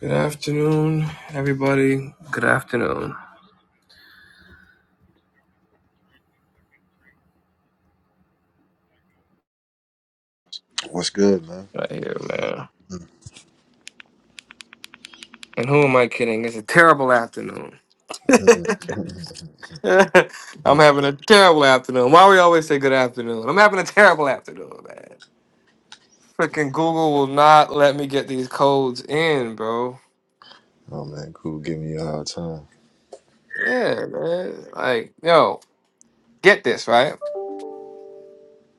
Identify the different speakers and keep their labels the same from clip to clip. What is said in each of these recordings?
Speaker 1: Good afternoon, everybody. Good afternoon.
Speaker 2: What's good, man?
Speaker 1: Right here, man.
Speaker 2: Mm,
Speaker 1: And who am I kidding? It's a terrible afternoon.
Speaker 2: mm,
Speaker 1: I'm
Speaker 2: mm,
Speaker 1: having a terrible afternoon. Why we always say good afternoon? I'm having a terrible afternoon, man. Freaking Google will not let me get these codes in, bro.
Speaker 2: Oh man, cool. Give me a hard time.
Speaker 1: Yeah, man. Like, yo, get this, right?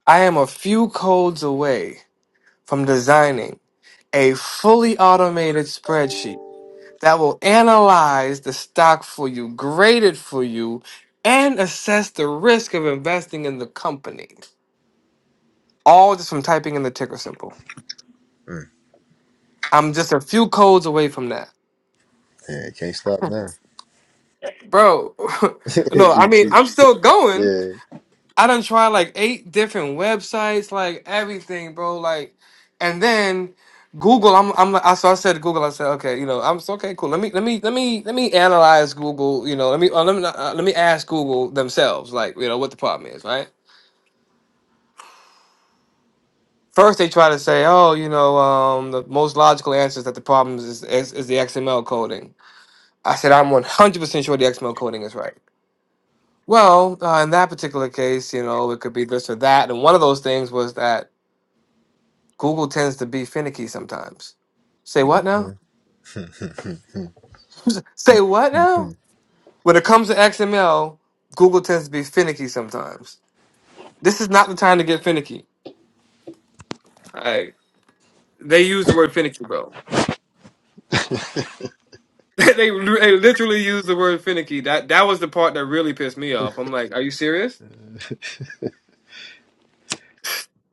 Speaker 1: I am a few codes away from designing a fully automated spreadsheet that will analyze the stock for you, grade it for you, and assess the risk of investing in the company. All just from typing in the ticker symbol.
Speaker 2: mm.
Speaker 1: I'm just a few codes away from that.
Speaker 2: Yeah, can't stop now.
Speaker 1: Bro, no,
Speaker 2: yeah.
Speaker 1: I
Speaker 2: Mm.
Speaker 1: mean, I'm still going. I done tried like eight different websites, like everything, bro. Like, and then Google. I'm, I'm like, I so I said to Google. I said, okay, you know, I'm so okay, cool. Let me, let me, let me, let me analyze Google. You know, let me, uh, let me, not- uh, let me ask Google themselves, like, you know, what the problem is, right? First, they try to say, oh, you know, um, the most logical answer is that the problem is is, is the XML coding. I said, I'm 100% sure the XML coding is right. Well, uh, in that particular case, you know, it could be this or that, and one of those things was that Google tends to be finicky sometimes. Say what now? Say what now? When it comes to XML, Google tends to be finicky sometimes. This is not the time to get finicky. Right. They use the word finicky, bro. they, they literally use the word finicky. That that was the part that really pissed me off. I'm like, are you serious?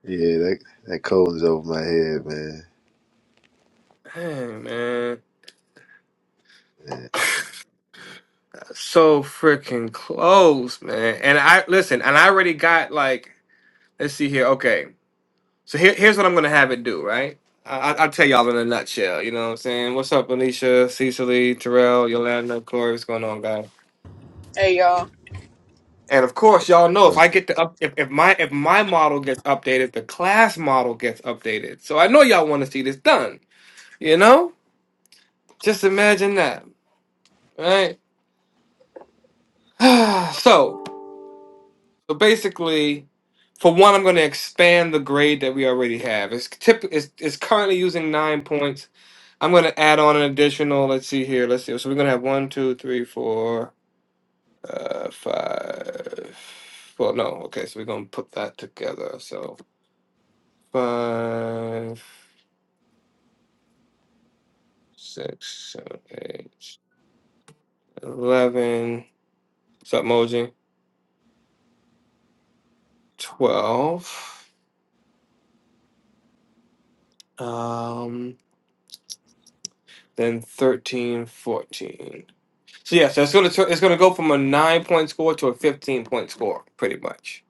Speaker 2: yeah, that that cold is over my head, man.
Speaker 1: Dang, man. So freaking close, man. And I listen, and I already got like, let's see here. Okay. So here, here's what I'm gonna have it do, right? I, I- I'll tell y'all in a nutshell. You know what I'm saying? What's up, Alicia, Cecily, Terrell, Yolanda, Corey? What's going on, guys?
Speaker 3: Hey y'all.
Speaker 1: And of course, y'all know if
Speaker 2: So,
Speaker 1: I get to up, if, if my if my model gets updated, the class model gets updated. So I know y'all want to see this done. You know, just imagine that, right? so so basically, for one, I'm going to expand the grade that we already have. It's tip it's, it's currently using nine points. I'm gonna add on an additional. Let's see here. Let's see. So we're gonna have one, two, three, four, uh, five. Well, no. Okay, so we're gonna put that together. So five, six, seven, eight, eleven. What's up, Moji? Twelve. Um. Then thirteen, fourteen. So yeah, so it's gonna tur- it's gonna go from a nine point score to a fifteen point score, pretty much.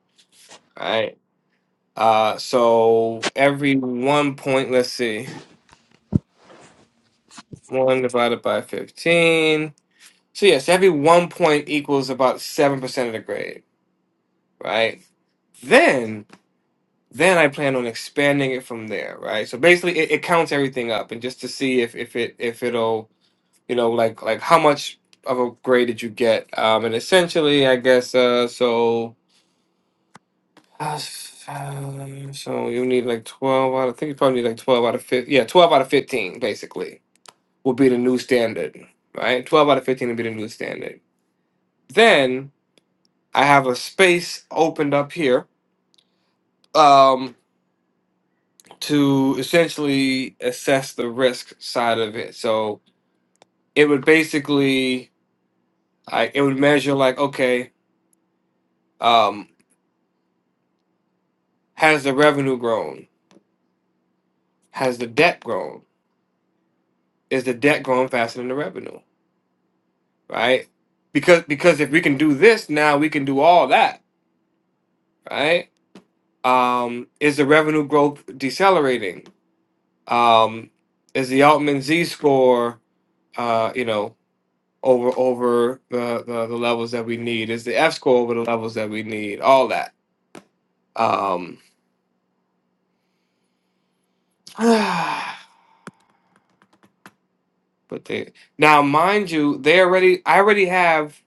Speaker 1: All right. Uh. So every one point. Let's see. One divided by 15. So, yes, every one point equals about 7% of the grade, right? Then, then I plan on expanding it from there, right? So basically, it, it counts everything up, and just to see if if it if it'll you know like like how much of a grade did you get? Um, and essentially, I guess uh, so. uh, so you need like twelve out. Of, I think you probably need like twelve out of fifteen. Yeah, twelve out of fifteen basically will be the new standard, right? Twelve out of fifteen will be the new standard. Then I have a space opened up here um, to essentially assess the risk side of it. So it would basically, I, it would measure like, okay, um, has the revenue grown? Has the debt grown? Is the debt growing faster than the revenue? Right? Because because if we can do this now, we can do all that. Right? Um, is the revenue growth decelerating? Um, is the Altman Z score? Uh, you know, over over the, the the levels that we need? Is the F score over the levels that we need? All that. Um, but they now, mind you, they already I already have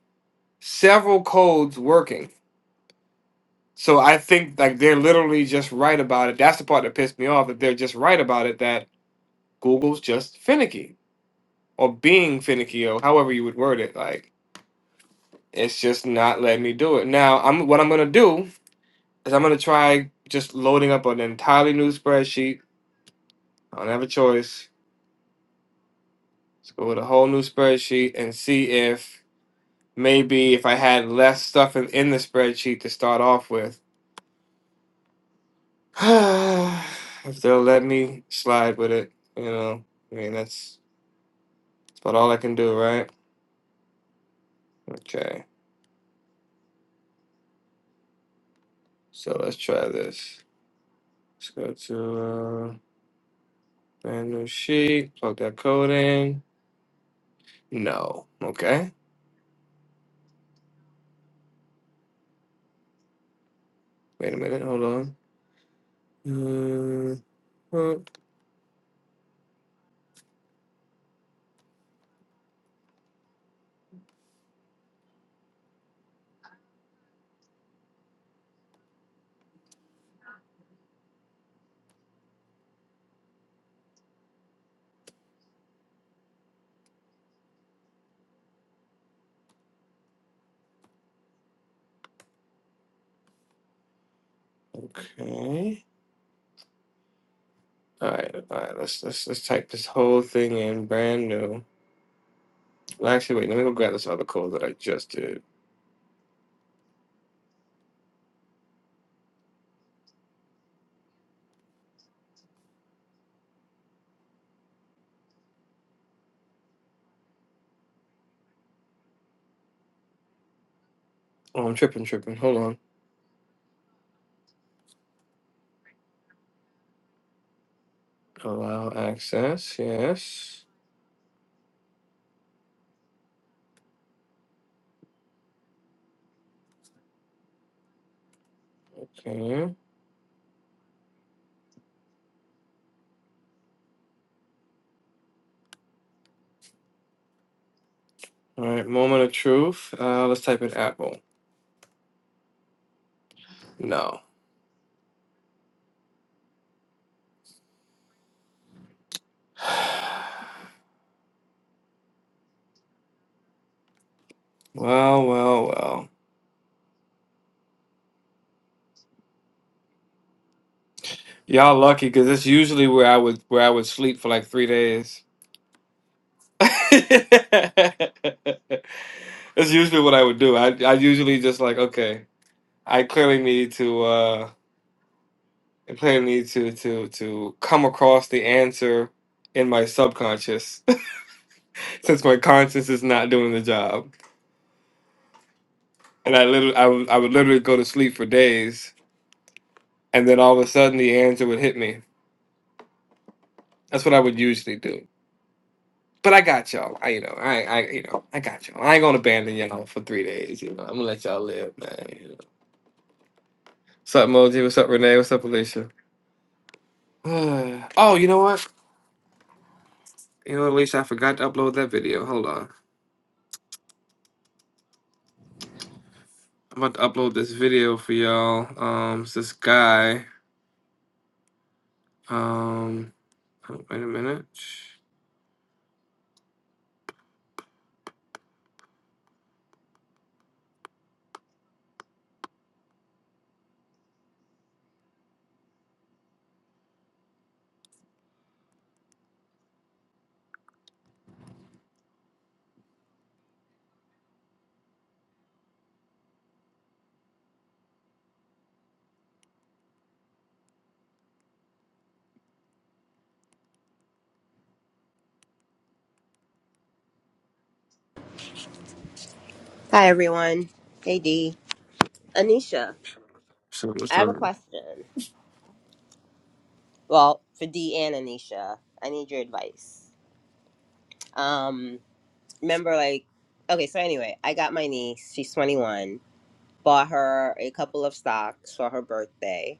Speaker 1: several codes working. So I think like they're literally just right about it. That's the part that pissed me off. That they're just right about it. That Google's just finicky or being finicky or however you would word it. Like it's just not letting me do it. Now I'm what I'm gonna do is I'm gonna try just loading up an entirely new spreadsheet I don't have a choice. Let's go with a whole new spreadsheet and see if maybe if I had less stuff in, in the spreadsheet to start off with, if they'll let me slide with it, you know. I mean, that's, that's about all I can do, right? Okay, so let's try this. Let's go to uh, brand new sheet, plug that code in. No, okay. Wait a minute, hold on. Uh, uh, okay. All right, all right. Let's let's let's type this whole thing in brand new. Well, actually, wait. Let me go grab this other code that I just did. Oh, I'm tripping, tripping. Hold on. Allow access. Yes. Okay. All right. Moment of truth. Uh, let's type in Apple. No. Well, well, well. Y'all lucky because it's usually where I would where I would sleep for like three days. That's usually what I would do. I I usually just like okay. I clearly need to. Uh, and planning me to to to come across the answer in my subconscious since my conscience is not doing the job and i literally I would I would literally go to sleep for days and then all of a sudden the answer would hit me that's what i would usually do but i got y'all i you know i i you know i got y'all i ain't gonna abandon y'all for three days you know i'm gonna let y'all live man you know. what's up moji what's up renee what's up alicia oh you know what you know alicia i forgot to upload that video hold on I'm about to upload this video for y'all. Um, it's this guy. Um, oh, wait a minute.
Speaker 4: Hi, everyone. Hey, Dee. Anisha,
Speaker 1: So
Speaker 4: I
Speaker 1: what's
Speaker 4: have
Speaker 1: up,
Speaker 4: a question. Well, for Dee and Anisha, I need your advice. Um, remember, like, okay, so anyway, I got my niece. She's 21. Bought her a couple of stocks for her birthday.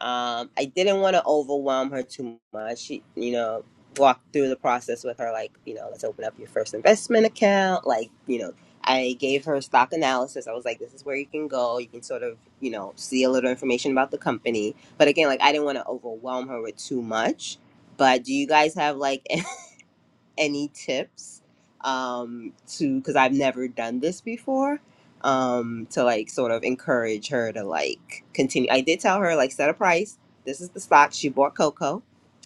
Speaker 4: Um, I didn't want to overwhelm her too much. She, you know, walked through the process with her, like, you know, let's open up your first investment account. Like, you know, I gave her stock analysis. I was like, this is where you can go. You can sort of, you know, see a little information about the company. But again, like, I didn't want to overwhelm her with too much. But do you guys have like any tips um, to because I've never done this before um, to like sort of encourage her to like continue. I did tell her like set a price. This is the stock she bought Coco.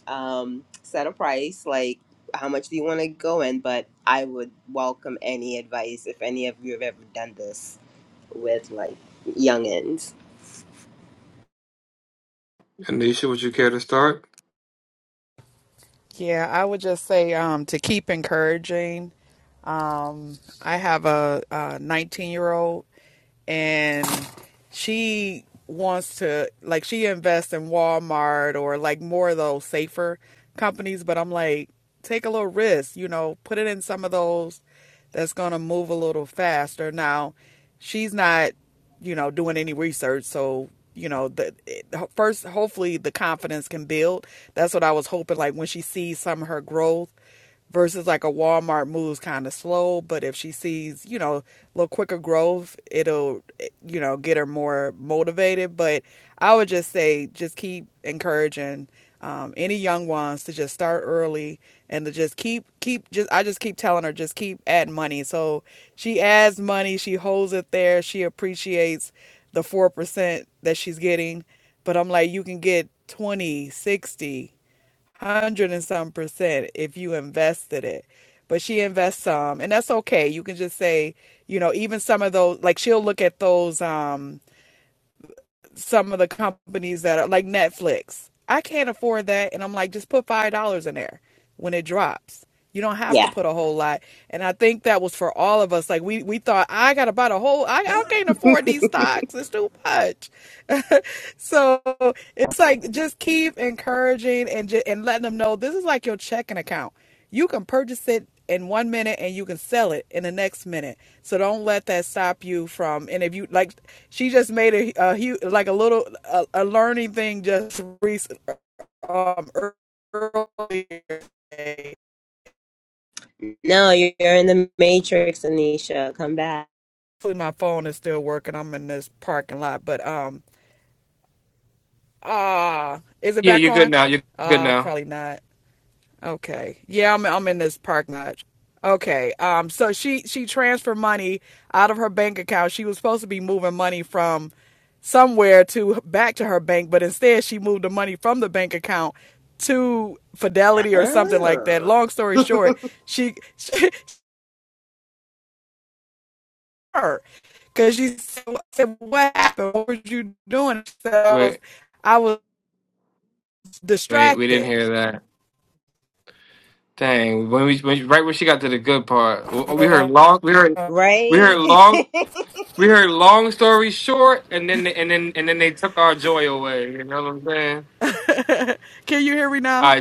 Speaker 4: Um, set a price like how much do you want to go in? But I would welcome any advice if any of you have ever done this with like youngins.
Speaker 1: Anisha? Would you care to start?
Speaker 3: Yeah, I would just say um, to keep encouraging. Um, I have a, a 19 year old, and she wants to like she invests in Walmart or like more of those safer companies, but I'm like, take a little risk, you know, put it in some of those that's gonna move a little faster. Now, she's not, you know, doing any research, so you know, the it, first hopefully the confidence can build. That's what I was hoping. Like when she sees some of her growth, versus like a Walmart moves kind of slow, but if she sees, you know, a little quicker growth, it'll, eh, you know, get her more motivated. But I would just say, just keep encouraging um, any young ones to just start early and to just keep, keep, just, I just keep telling her, just keep adding money. So she adds money, she holds it there, she appreciates the 4% that she's getting. But I'm like, you can get 20, 60 hundred and some percent if you invested it. But she invests some, and that's okay. You can just say, you know, even some of those, like she'll look at those, um, some of the companies that are like Netflix. I can't afford that, and I'm like, just put five dollars in there when it drops. You don't have to
Speaker 4: Yeah.
Speaker 3: put a whole lot. And I think that was for all of us. Like we we thought I gotta buy the whole I, I can't afford these stocks. It's too much. So it's like just keep encouraging and ju- and letting them know this is like your checking account. You can purchase it in one minute and you can sell it in the next minute. So don't let that stop you from. And if you like, she just made a, a huge like a little a, a learning thing just recent um earlier. today.
Speaker 4: No, you're in the matrix, Anisha. Come back.
Speaker 3: Hopefully my phone is still working. I'm in this parking lot, but um ah, uh, is it
Speaker 1: Yeah,
Speaker 3: back
Speaker 1: you're good
Speaker 3: on?
Speaker 1: now. You're good
Speaker 3: Uh,
Speaker 1: now.
Speaker 3: probably not. Okay. Yeah, I'm I'm in this parking lot. Okay. Um so she she transferred money out of her bank account. She was supposed to be moving money from somewhere to back to her bank, but instead she moved the money from the bank account to Fidelity or something like that.
Speaker 4: Oh,
Speaker 3: Long story short, she, she her because she said, I said, "What happened? What were you doing?" She said, "I was
Speaker 1: Wait,
Speaker 3: I was
Speaker 1: wait, we didn't
Speaker 3: distracted."
Speaker 1: hear that. Dang, when we when, right when she got to the good part, w- we heard long. We heard we heard
Speaker 4: right.
Speaker 1: long. We heard long story short, and then they, and then and then they took our joy away. You know what I'm saying?
Speaker 3: Can you hear me
Speaker 1: All
Speaker 3: now?
Speaker 1: right.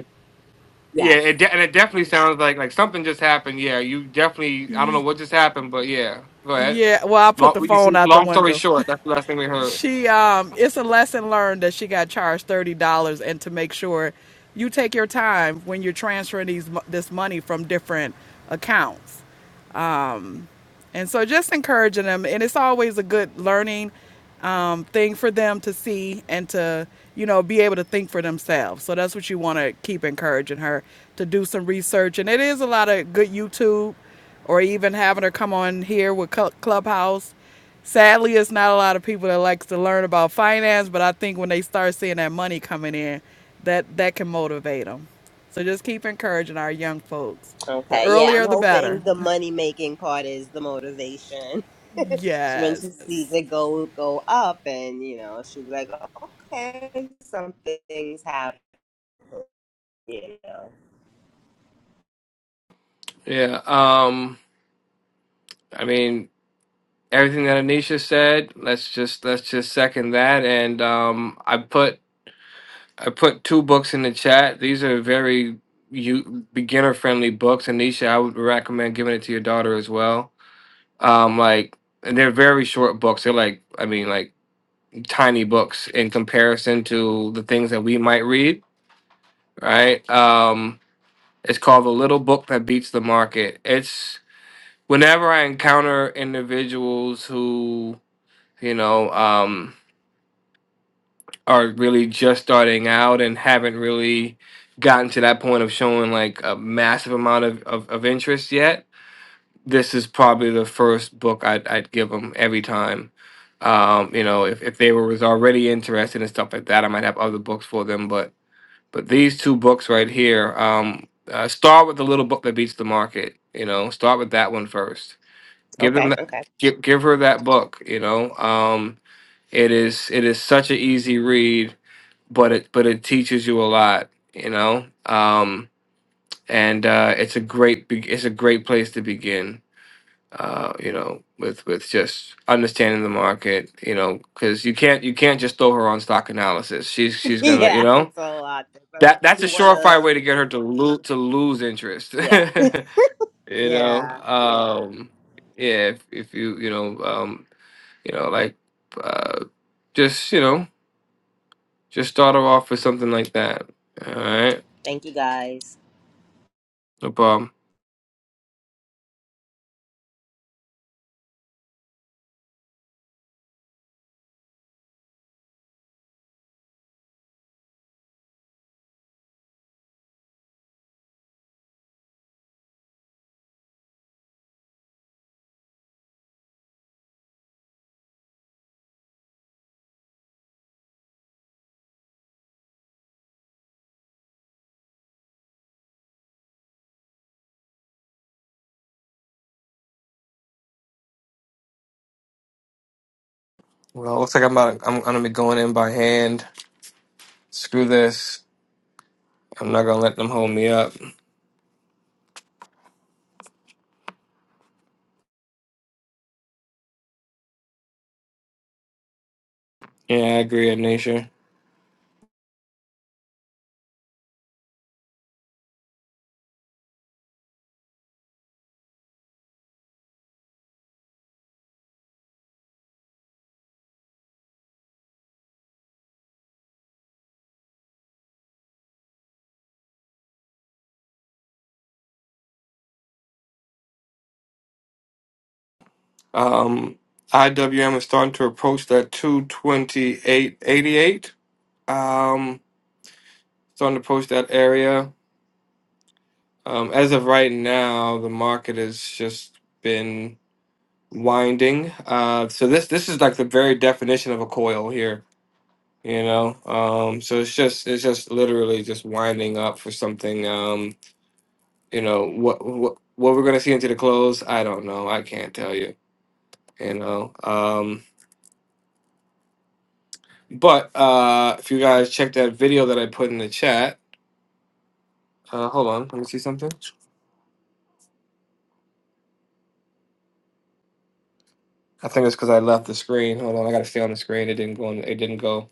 Speaker 1: Yeah,
Speaker 4: yes.
Speaker 1: it de- and it definitely sounds like like something just happened. Yeah, you definitely. I don't know
Speaker 3: Y-
Speaker 1: what just happened, but yeah. Go ahead.
Speaker 3: yeah. Well, I put
Speaker 1: Long,
Speaker 3: the
Speaker 1: we-
Speaker 3: phone
Speaker 1: see,
Speaker 3: out the
Speaker 1: long story
Speaker 3: window.
Speaker 1: short, that's the last thing we heard.
Speaker 3: she um it's a lesson learned that she got charged thirty dollars and to make sure you take your time when you're transferring these this money from different accounts and so just encouraging them, and it's always a good learning um, thing for them to see and to, you know, be able to think for themselves. So that's what you want to keep encouraging her to do some research. And it is a lot of good YouTube or even having her come on here with Clubhouse. Sadly, it's not a lot of people that likes to learn about finance, but I think when they start seeing that money coming in, that that can motivate them. So just keep encouraging our young folks. The
Speaker 4: Okay, yeah, I'm
Speaker 3: earlier, the better.
Speaker 4: hoping the money making part is the motivation. when
Speaker 3: Yes.
Speaker 4: she sees it go go up, and you know, she'll be like, "Okay, something's happening." You know,
Speaker 1: Yeah. Um. I mean, everything that Anisha said. Let's just let's just second that. And um, I put I put two books in the chat. These are very you beginner friendly books. Anisha, I would recommend giving it to your daughter as well. Um, like and they're very short books. They're like I mean like. tiny books in comparison to the things that we might read, right? Um, it's called The Little Book That Beats the Market. It's whenever I encounter individuals who, you know, um, are really just starting out and haven't really gotten to that point of showing like a massive amount of, of, of interest yet, this is probably the first book I'd, I'd give them every time um, you know, if, if they were was already interested in stuff like that, I might have other books for them. But But these two books right here, um, uh, start with the little book that beats the market. You know, start with that one first. Give them,
Speaker 4: okay,
Speaker 1: that,
Speaker 4: okay,
Speaker 1: give, give her that book. You know, um, it is it is such an easy read, but it but it teaches you a lot. You know, um, and uh, it's a great be- it's a great place to begin. Uh, you know, with with just understanding the market. You know, because you can't you can't just throw her on stock analysis. She's she's gonna you
Speaker 4: yeah,
Speaker 1: know
Speaker 4: it's a lot, but I
Speaker 1: that
Speaker 4: did
Speaker 1: that's a surefire
Speaker 4: wanna,
Speaker 1: way to get her to lose to lose interest.
Speaker 4: yeah,
Speaker 1: you know,
Speaker 4: yeah, yeah.
Speaker 1: um, yeah. If, if you you know um, you know like uh, just you know just start her off with something like that. All right,
Speaker 4: Thank you guys.
Speaker 1: no problem. Well, looks like I'm about I'm gonna be going in by hand. Screw this. I'm not gonna let them hold me up. Yeah, I agree, Nature. Um, IWM is starting to approach that two twenty eight eighty eight. Um, starting to approach that area. Um, as of right now, the market has just been winding. Uh, so this this is like the very definition of a coil here, you know. Um, so it's just it's just literally just winding up for something. Um, you know what what what we're gonna see into the close, I don't know. I can't tell you, you know. Um, but uh, if you guys check that video that I put in the chat, uh, hold on, let me see something. I think it's because I left the screen. Hold on, I gotta stay on the screen. It didn't go. On, it didn't go.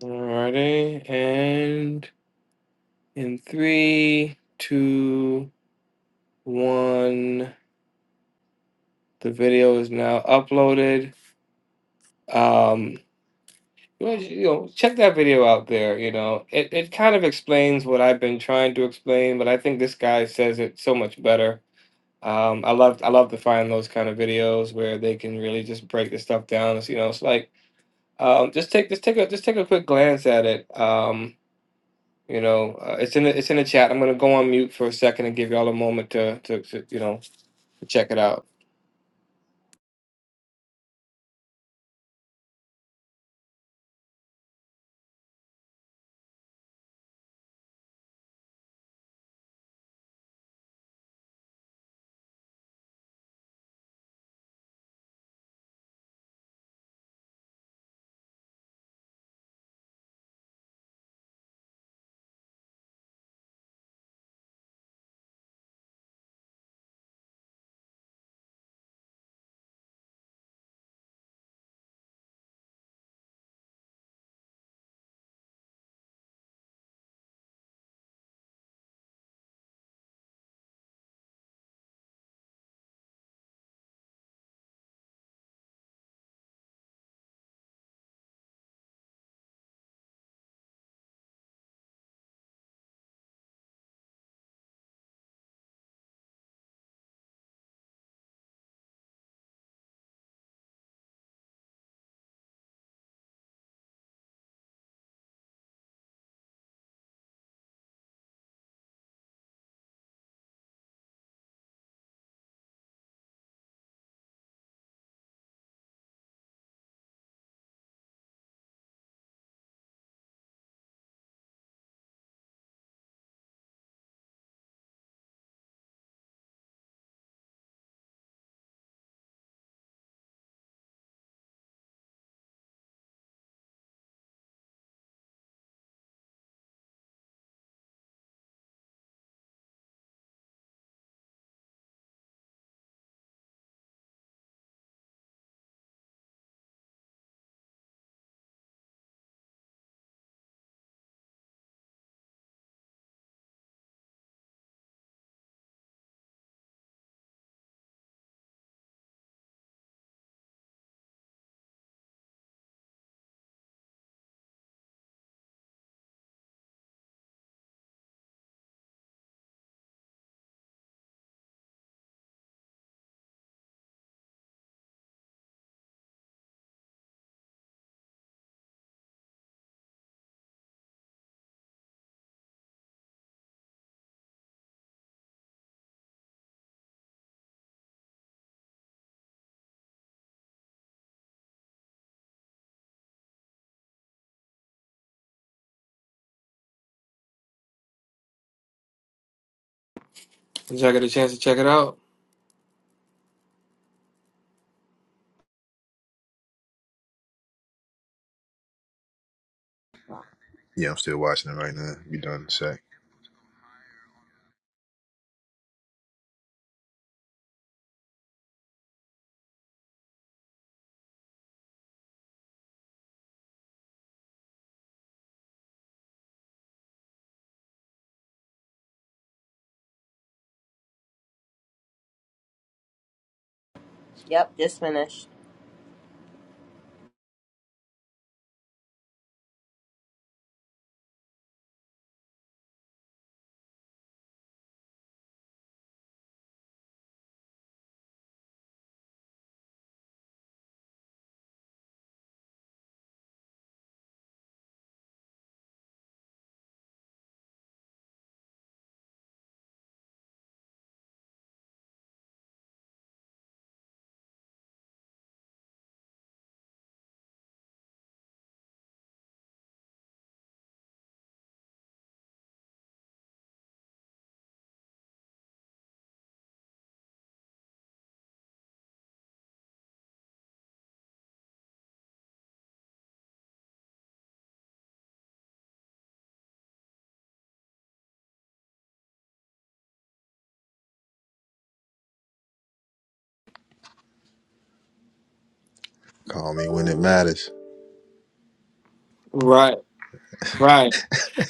Speaker 1: Alrighty, and in three, two, one, the video is now uploaded. Um, well, you know, check that video out there. You know, it it kind of explains what I've been trying to explain, but I think this guy says it so much better. Um, I love I love to find those kind of videos where they can really just break the stuff down. It's, you know, it's like um, just take just take a just take a quick glance at it. Um, You know, uh, it's in the, it's in the chat. I'm gonna go on mute for a second and give y'all a moment to to, to you know to check it out. Did y'all get a chance to check it out?
Speaker 2: yeah, I'm still watching it right now. Be done in a sec.
Speaker 4: Yep, just finished.
Speaker 2: Call me when it matters.
Speaker 1: Right, right.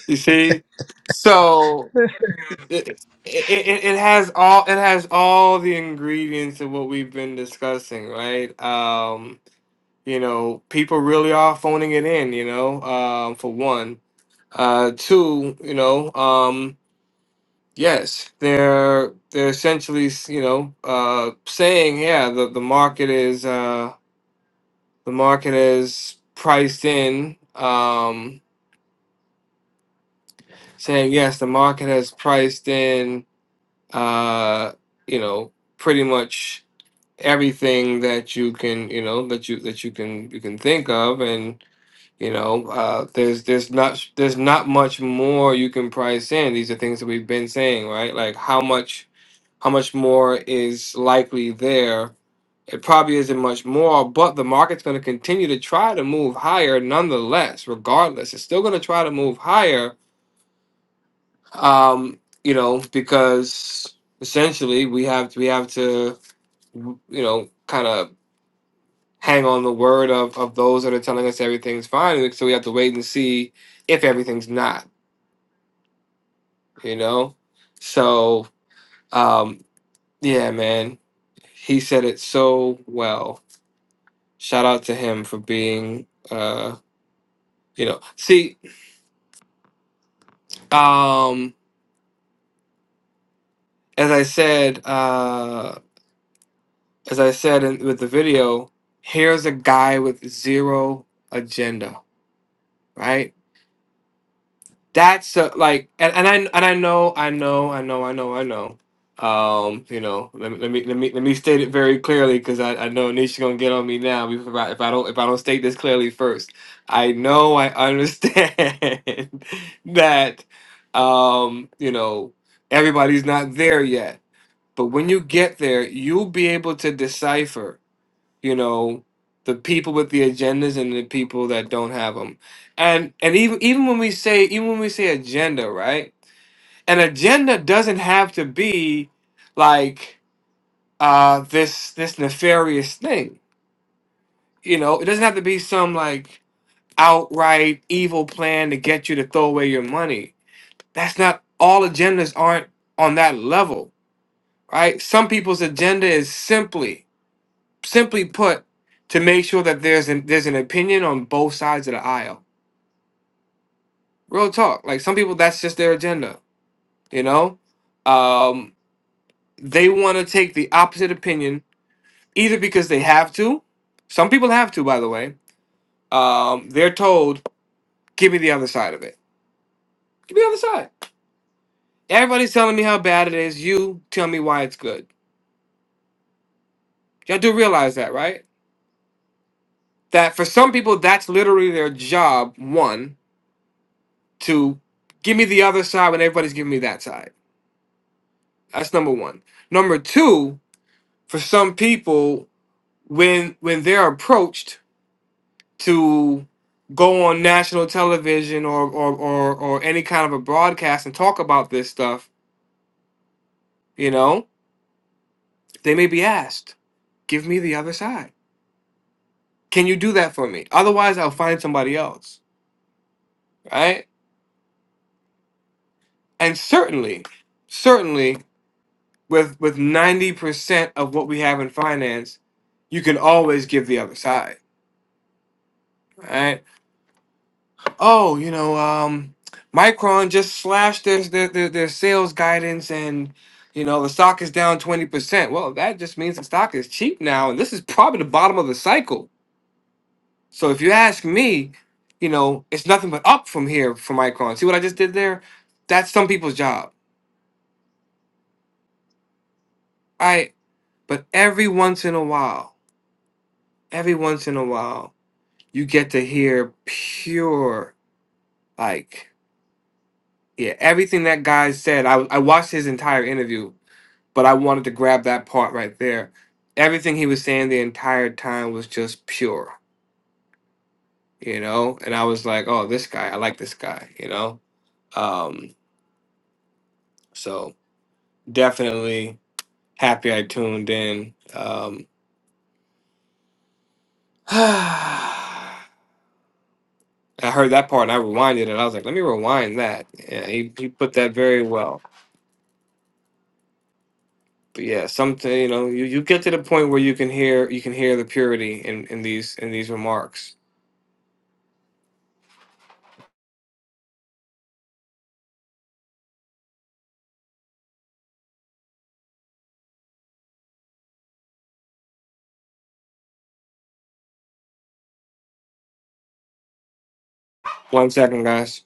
Speaker 1: You see, so it, it it it has all it has all the ingredients of what we've been discussing, right? Um, you know, people really are phoning it in. You know, um, for one, uh, two, you know, um Yes, they're they're essentially, you know, uh, saying, yeah, the the market is uh, the market is priced in. Um, saying yes, the market has priced in, uh, you know, pretty much everything that you can, you know, that you that you can you can think of, and you know, uh, there's there's not there's not much more you can price in. These are things that we've been saying, right? Like how much. how much more is likely there? It probably isn't much more, but the market's going to continue to try to move higher nonetheless, regardless. It's still going to try to move higher, um, you know, because essentially we have we have to, you know, kind of hang on the word of, of those that are telling us everything's fine. So we have to wait and see if everything's not, you know? So, um, yeah, man, he said it so well. Shout out to him for being, uh, you know, see, um, as I said, uh, as I said in, with the video, here's a guy with zero agenda, right? that's a, like and, and I and I know I know I know I know I know um you know let me let me let me, let me state it very clearly because I, I know Nisha gonna get on me now if I, if I don't if I don't state this clearly first I know I understand that um you know everybody's not there yet but when you get there you'll be able to decipher you know the people with the agendas and the people that don't have them and and even even when we say even when we say agenda right an agenda doesn't have to be like uh this this nefarious thing you know it doesn't have to be some like outright evil plan to get you to throw away your money that's not all agendas aren't on that level right some people's agenda is simply simply put, to make sure that there's an there's an opinion on both sides of the aisle. Real talk. Like some people, that's just their agenda. You know, um, they want to take the opposite opinion either because they have to. Some people have to, by the way. Um, they're told, "Give me the other side of it. Give me the other side." Everybody's telling me how bad it is. You tell me why it's good. Y'all do realize that, right? That for some people, that's literally their job. One to give me the other side when everybody's giving me that side That's number one. Number two, for some people, when when they're approached to go on national television or or, or or any kind of a broadcast and talk about this stuff, you know, they may be asked, give me the other side. Can you do that for me? Otherwise I'll find somebody else. Right? And certainly, certainly with with 90% of what we have in finance, you can always give the other side. Right? oh, you know, um, Micron just slashed their, their their their sales guidance, and you know the stock is down twenty percent. Well, that just means the stock is cheap now, and this is probably the bottom of the cycle. So if you ask me, you know, it's nothing but up from here for Micron. See what I just did there? That's some people's job, all right? But every once in a while, every once in a while, you get to hear pure like. Yeah, everything that guy said, I, I watched his entire interview but I wanted to grab that part right there. Everything he was saying the entire time was just pure, you know? And I was like, oh, this guy, I like this guy, you know? Um, so definitely happy I tuned in. Um, I heard that part and I rewinded it. I was like, let me rewind that. Yeah, he, he put that very well. But yeah, something you know, you, you get to the point where you can hear you can hear the purity in, in these in these remarks. One second, guys.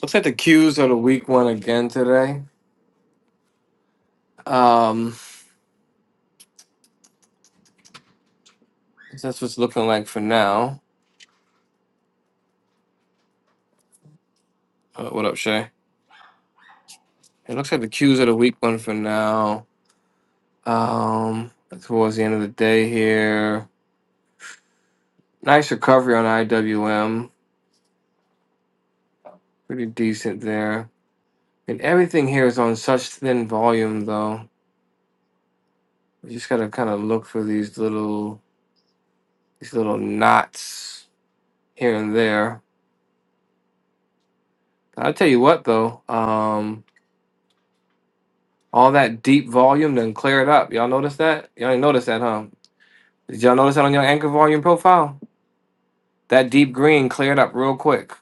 Speaker 1: Looks like the Qs are the weak one again today. Um, that's what's looking like for now. Uh, what up, Shay? It looks like the Qs are the weak one for now. Um, towards the end of the day here, nice recovery on IWM, pretty decent there. And everything here is on such thin volume, though. You just gotta kind of look for these little these little knots here and there. I'll tell you what, though. Um, All that deep volume then clear it up. Y'all notice that? Y'all didn't notice that, huh? Did y'all notice that on your anchor volume profile? That deep green cleared up real quick.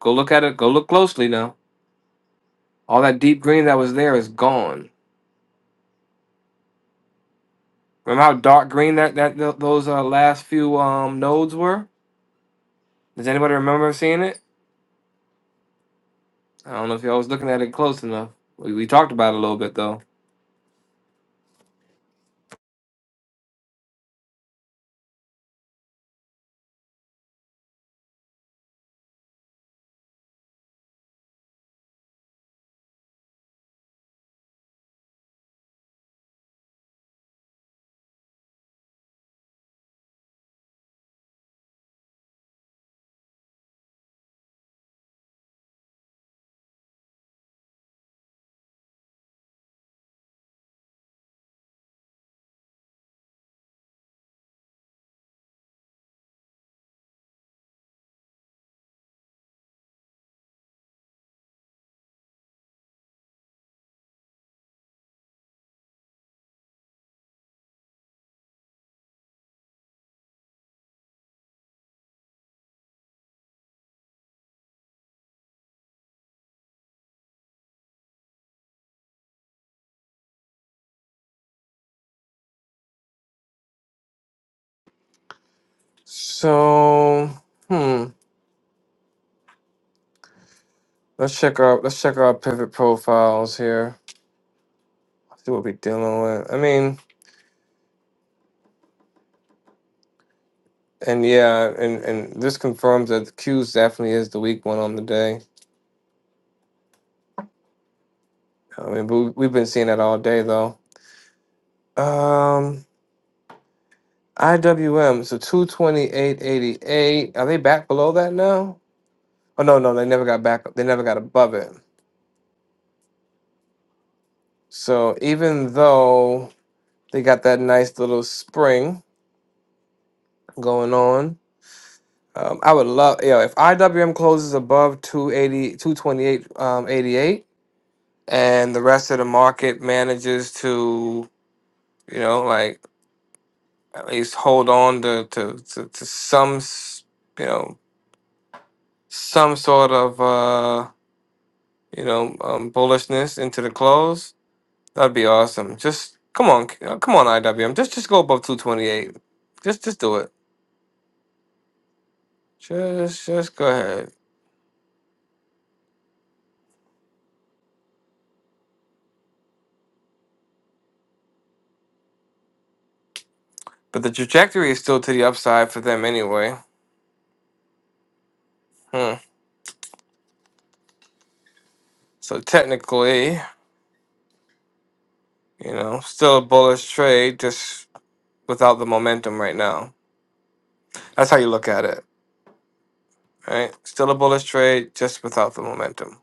Speaker 1: Go look at it. Go look closely now. All that deep green that was there is gone. Remember how dark green that that th- those uh, last few um nodes were? Does anybody remember seeing it? I don't know if y'all was looking at it close enough. We, we talked about it a little bit though. So hmm, let's check our let's check our pivot profiles here. See what we're dealing with. I mean. And yeah, and and this confirms that Q's definitely is the weak one on the day. I mean, but we- we've been seeing that all day though. Um, IWM so two twenty eight eighty eight. Are they back below that now? Oh no, no, they never got back. They never got above it. So even though they got that nice little spring going on, um, I would love you know if IWM closes above 280, um, 88, and the rest of the market manages to you know, like at least hold on to to to, to some s- you know some sort of uh you know um, bullishness into the close. That'd be awesome. Just come on, c- uh, come on, IWM. Just just go above two twenty eight. Just just do it. Just just go ahead. But the trajectory is still to the upside for them anyway. Hmm. So technically, you know, still a bullish trade, just without the momentum right now. That's how you look at it. right? Still a bullish trade, just without the momentum.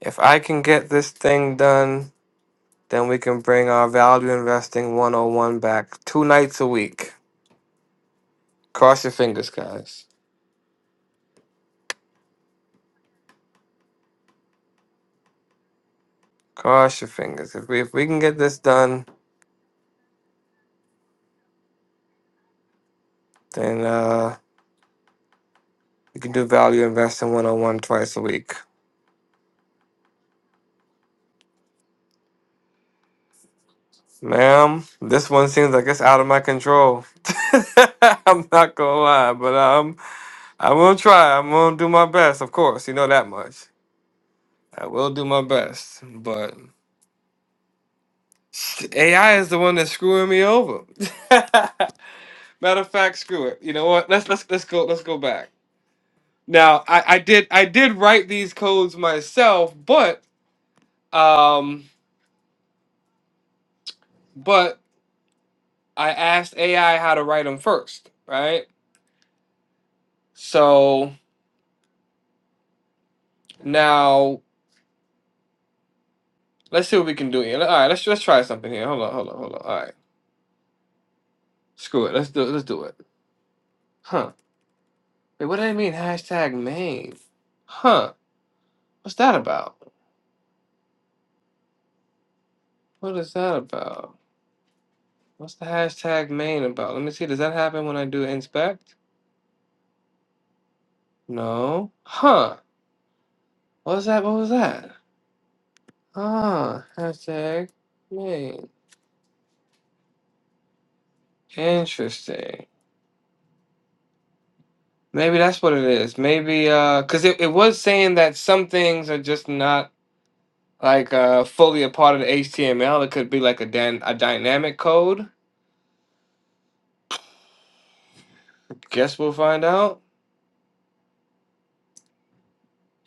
Speaker 1: If I can get this thing done, then we can bring our value investing 101 back two nights a week. Cross your fingers, guys. Cross your fingers. If we if we can get this done, then uh we can do value investing 101 twice a week. Ma'am, this one seems like it's out of my control. I'm not gonna lie, but um, I'm gonna try. I'm gonna do my best, of course. You know that much. I will do my best, but AI is the one that's screwing me over. Matter of fact, screw it. You know what? Let's let's let's go let's go back. Now I, I did I did write these codes myself, but um but I asked AI how to write them first, right? So now let's see what we can do here. All right, let's let's try something here. Hold on, hold on, hold on. All right, screw it. Let's do let's do it. Huh? Wait, what do they mean hashtag main? Huh? What's that about? What is that about? What's the hashtag main about? Let me see. Does that happen when I do inspect? No. Huh. What was that? What was that? Ah, hashtag main. Interesting. Maybe that's what it is. Maybe uh, cause it, it was saying that some things are just not like uh fully a part of the HTML. It could be like a dan a dynamic code. Guess we'll find out.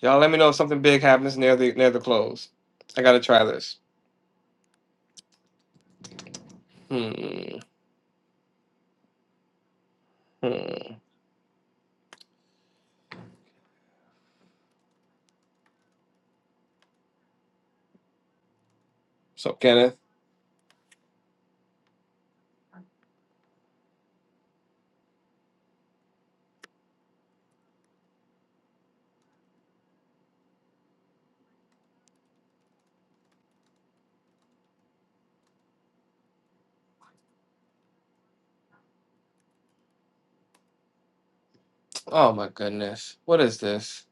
Speaker 1: Y'all, let me know if something big happens near the near the close. I gotta try this. Hmm. Hmm. So Kenneth. Oh my goodness. What is this?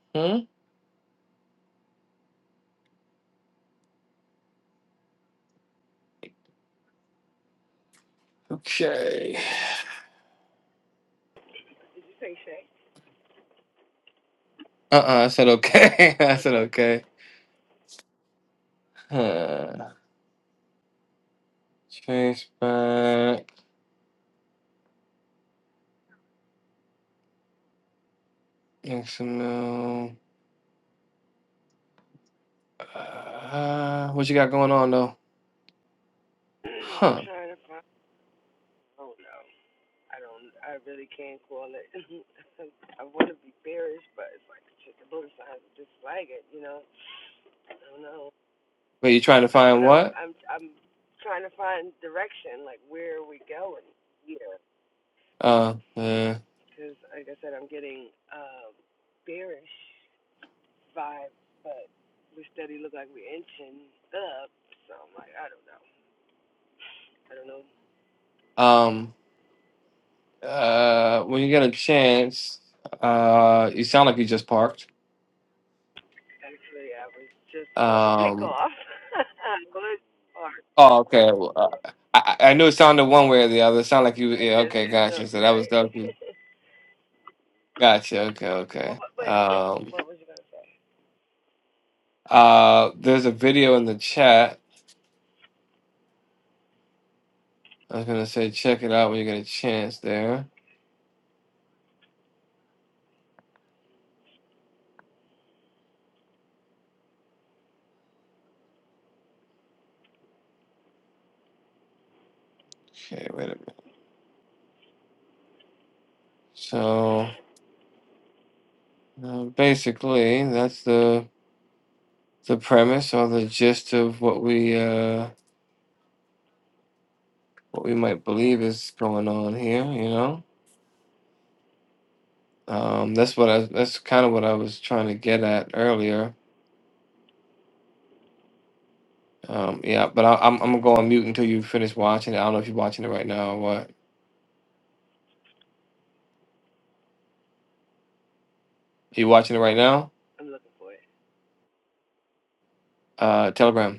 Speaker 1: hmm Okay.
Speaker 5: Did you say Shay?
Speaker 1: Uh-uh, I said okay. I said okay. Huh. Trace back. XML. Uh, what you got going on though?
Speaker 5: I'm
Speaker 1: Huh.
Speaker 5: trying to find. Oh no, I don't. I really can't call it. I want to be bearish, but it's like just the bullet signs just flag it. You know. I don't know.
Speaker 1: Wait, you trying to
Speaker 5: I
Speaker 1: find
Speaker 5: said I'm.
Speaker 1: what?
Speaker 5: I'm. I'm trying to find direction. Like where are we going here?
Speaker 1: Uh, uh
Speaker 5: Because like I said, I'm getting um, bearish vibes, but we steady look like we're inching up. So I'm like, I don't know. I don't know.
Speaker 1: um uh when you get a chance, uh you sound like you just parked.
Speaker 5: Actually, I was just about to take
Speaker 1: Um
Speaker 5: off. I was parked.
Speaker 1: oh
Speaker 5: at
Speaker 1: okay.
Speaker 5: first.
Speaker 1: Well, uh, I, I I knew it sounded one way or the other. It sounded like you
Speaker 5: I
Speaker 1: yeah,
Speaker 5: just
Speaker 1: okay,
Speaker 5: did
Speaker 1: gotcha. So
Speaker 5: something
Speaker 1: that was
Speaker 5: right.
Speaker 1: dope. Gotcha. Okay.
Speaker 5: but,
Speaker 1: Okay.
Speaker 5: but but still,
Speaker 1: Um,
Speaker 5: what was you gonna say?
Speaker 1: uh, there's a video in the chat. I was gonna say check it out when you get a chance. There. Okay. Wait a minute. So uh, basically, that's the the premise or the gist of what we uh what we might believe is going on here. You know. Um, that's what I. That's kind of what I was trying to get at earlier. Um, yeah, but I, I'm I'm gonna go on mute until you finish watching it. I don't know if you're watching it right now or what. Are you watching it right now?
Speaker 5: I'm looking for it.
Speaker 1: Uh, Telegram.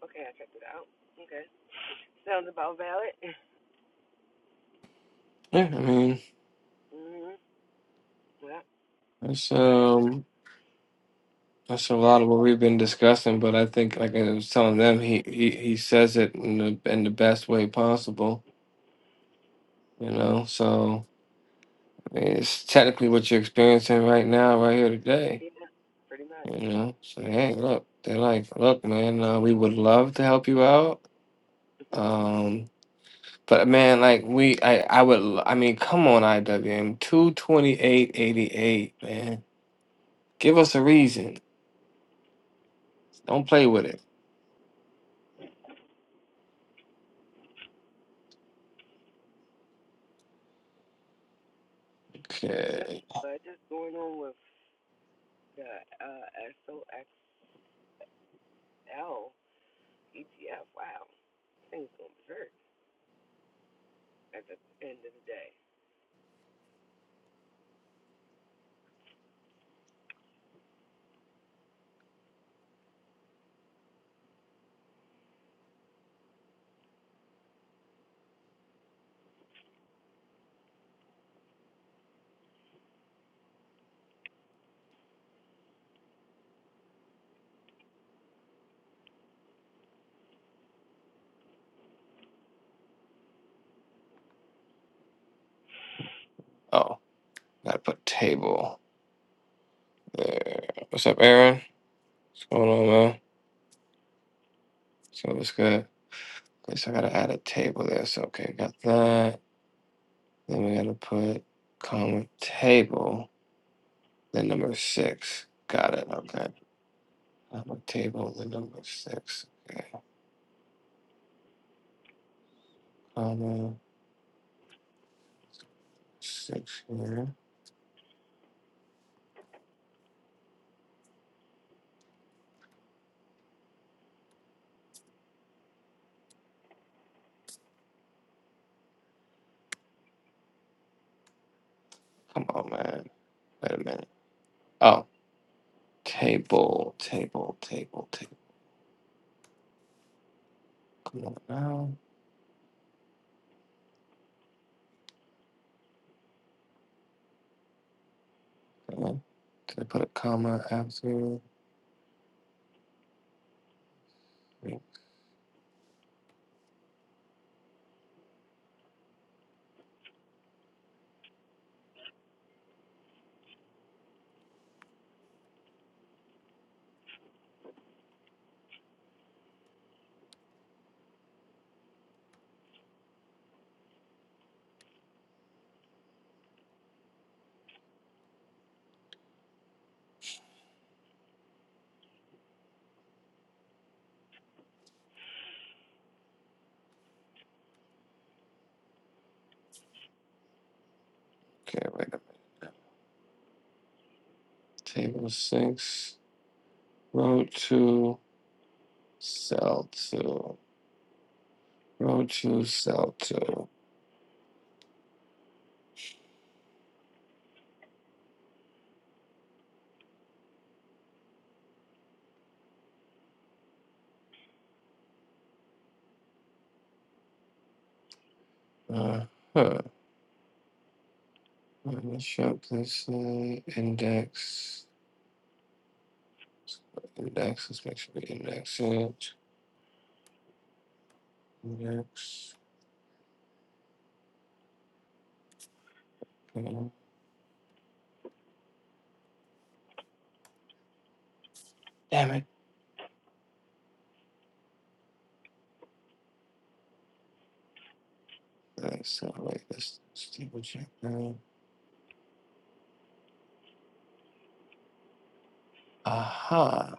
Speaker 5: Okay, I checked it out. Okay, sounds about valid.
Speaker 1: Yeah, I mean,
Speaker 5: Mm Mhm. Yeah.
Speaker 1: that's
Speaker 5: Right.
Speaker 1: um,
Speaker 5: We
Speaker 1: that's a
Speaker 5: need
Speaker 1: lot
Speaker 5: that.
Speaker 1: of what we've been discussing, but I think, like I was telling them, he he, he says it in the in the best way possible, you know. So I mean, it's technically what you're experiencing right now, right here today,
Speaker 5: Yeah. Pretty much.
Speaker 1: you know. So
Speaker 5: Yeah.
Speaker 1: hey, look, they're like, look, man, uh, we would love to help you out, um, but man, like we, I I would, l- I mean, come on, IWM, two twenty eight eighty eight, man, give us a reason. Don't play with it.
Speaker 5: Yep.
Speaker 1: Okay.
Speaker 5: But just going on with the uh, SOXL ETF. Wow, things gonna hurt at the end of the day.
Speaker 1: Oh. Gotta put table there. What's up, Aaron? What's going on, man? So what's good? At least I gotta add a table there. So okay, got that. Then we gotta put comma table, then number six. Got it. Okay. Comma table, then number six. Okay. Comma six here. Come on, man. Wait a minute. Oh, table, table, table, table. Come on now. Come on. Did I put a comma after? Okay, wait. Table six. Row two. Cell two. Row two. Cell two. Uh huh. Let am not sure this uh, index. Index. Let's make sure we index it. Index. uh, Damn it. Uh, so wait. This this table check. Uh huh.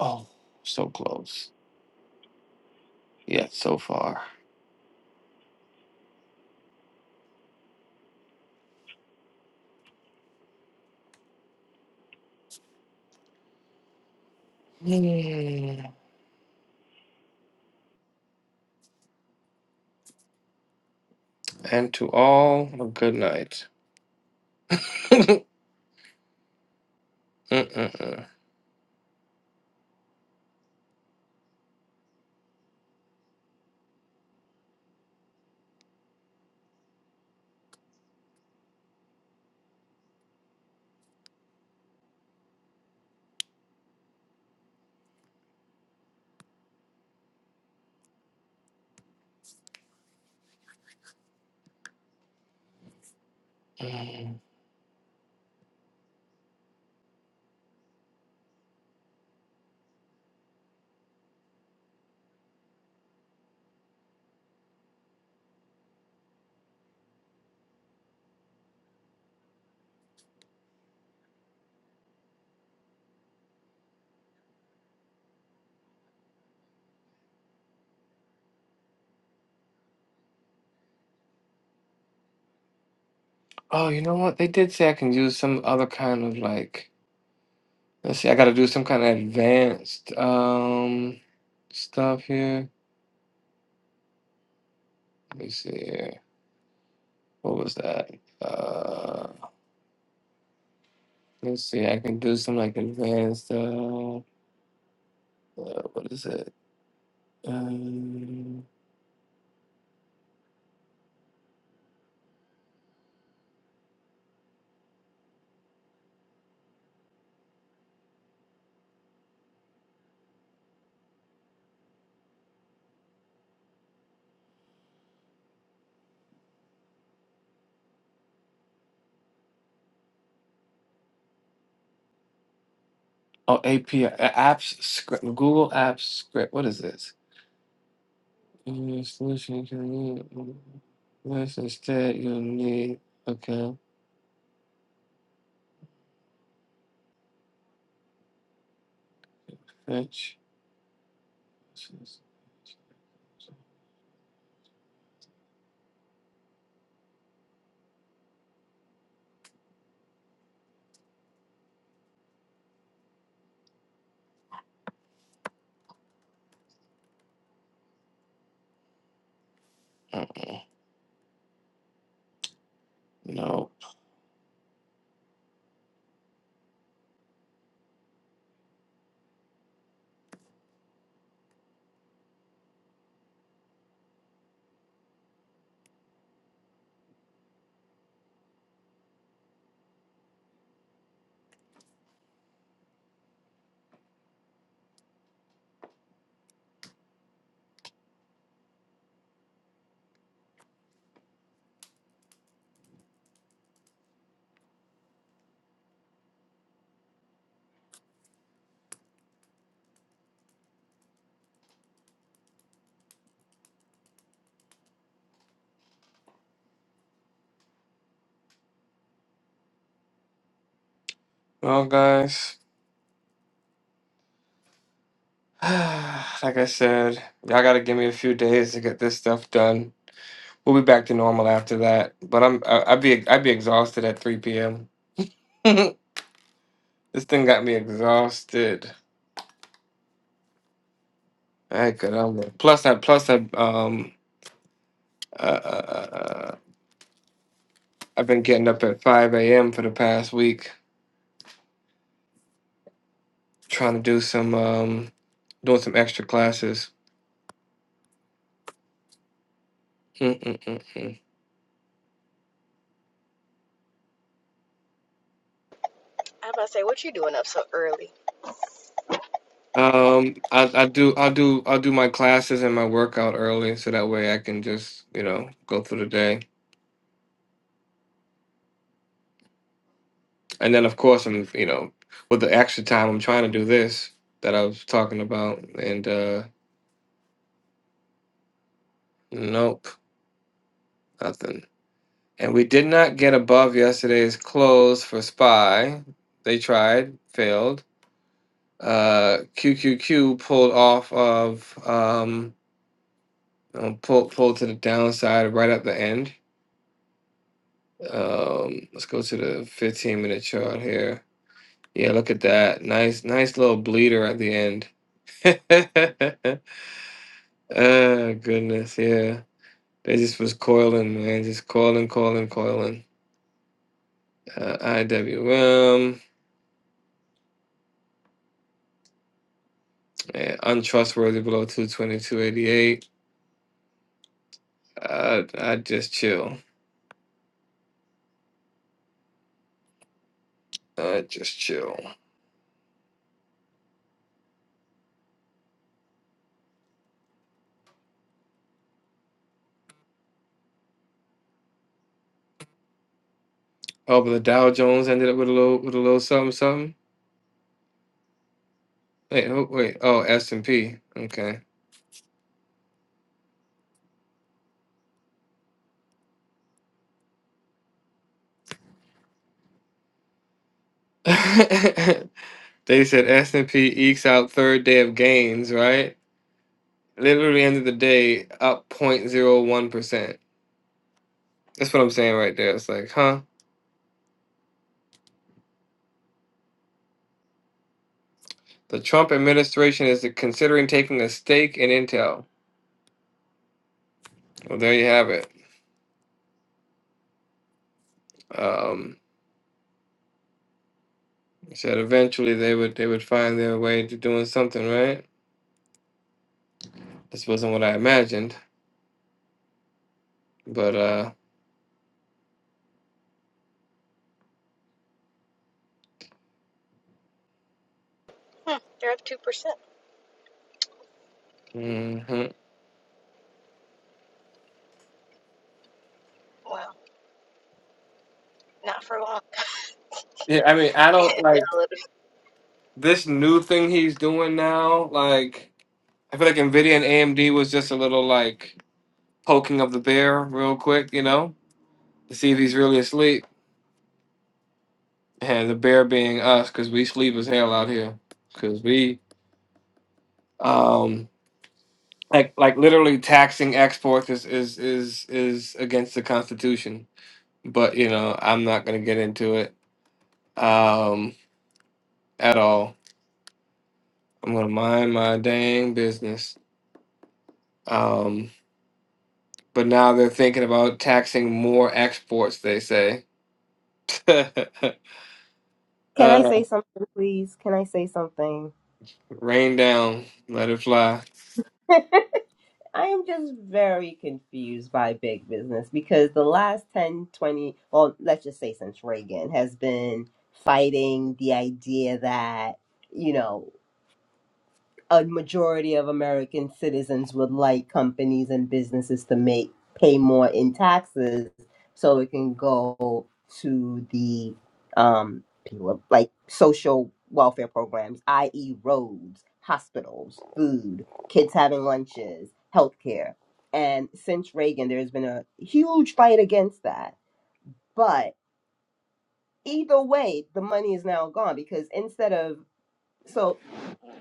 Speaker 1: Oh, so close. Yet so far. Yeah. And to all, a good night. Mm-mm-mm. Mm. Oh, you know what? They did say I can use some other kind of like, let's see, I gotta do some kind of advanced um stuff here. Let me see here. What was that? Uh, let's see, I can do some like advanced uh, uh what is it? Um, oh, API uh, apps script, Google Apps script. What is this? Uh, Solution you can need. Yes, instead you'll need okay, fetch. No, Well, guys, like I said, y'all gotta give me a few days to get this stuff done. We'll be back to normal after that. But I'm I, I'd be I'd be exhausted at 3 p.m. this thing got me exhausted. I could um. plus I plus I um uh, uh, uh, uh, I've been getting up at 5 a.m. for the past week trying to do some um doing some extra classes. Mm-mm-mm.
Speaker 6: I was about to say, what you doing up so early?
Speaker 1: Um, I I do I'll do I'll do my classes and my workout early so that way I can just, you know, go through the day. And then of course I'm, you know, with the extra time I'm trying to do this that I was talking about and uh nope, nothing. And we did not get above yesterday's close for SPY. They tried, failed. Uh QQQ pulled off of um uh, pulled pulled to the downside right at the end. Um, let's go to the 15 minute chart here. Yeah, look at that. Nice, nice little bleeder at the end. oh, goodness. Yeah. They just was coiling, man. Just coiling, coiling, coiling. Uh, IWM, eh, untrustworthy below 222.88. Uh, I just chill. I just chill. Oh, but the Dow Jones ended up with a little, with a little something, something. Wait, oh, wait. Oh, S and P. Okay. They said S and P ekes out third day of gains, right? Literally end of the day, up zero point zero 0.01 percent. That's what I'm saying right there. It's like, huh? The Trump administration is considering taking a stake in Intel. Well, there you have it. Um, they said eventually they would they would find their way to doing something, right? This wasn't what I imagined, but uh,
Speaker 6: Hmm, they're up two percent.
Speaker 1: mhm.
Speaker 6: Wow, not for long.
Speaker 1: yeah. I mean, I don't like this new thing he's doing now. Like, I feel like Nvidia and AMD was just a little like. poking of the bear real quick, you know, to see if he's really asleep. And the bear being us, because we sleep as hell out here, because we um like like literally taxing exports is is is is against the Constitution. But you know, I'm not gonna get into it um at all. I'm gonna mind my dang business. Um, but now they're thinking about taxing more exports. They say,
Speaker 4: Can I
Speaker 1: uh,
Speaker 4: say something, please? Can I say something?
Speaker 1: rain down, let it fly.
Speaker 4: I am just very confused by big business because the last 10, 20, well, let's just say since Reagan has been fighting the idea that, you know, a majority of American citizens would like companies and businesses to make pay more in taxes so it can go to the um people- like social welfare programs, i.e. roads, hospitals, food, kids having lunches, healthcare. And since Reagan there's been a huge fight against that. But either way, the money is now gone because instead of so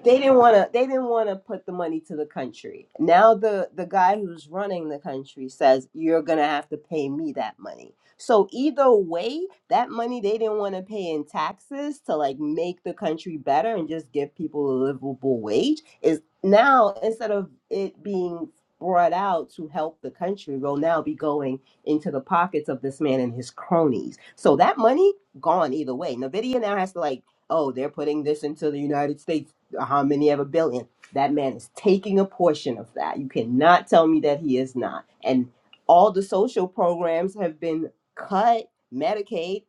Speaker 4: they didn't want to they didn't want to put the money to the country now the the guy who's running the country says you're gonna have to pay me that money so either way that money they didn't want to pay in taxes to like make the country better and just give people a livable wage is now instead of it being brought out to help the country will now be going into the pockets of this man and his cronies so that money gone either way nvidia now has to like oh, they're putting this into the United States how many ever billion. That man is taking a portion of that. You cannot tell me that he is not. And all the social programs have been cut, Medicaid,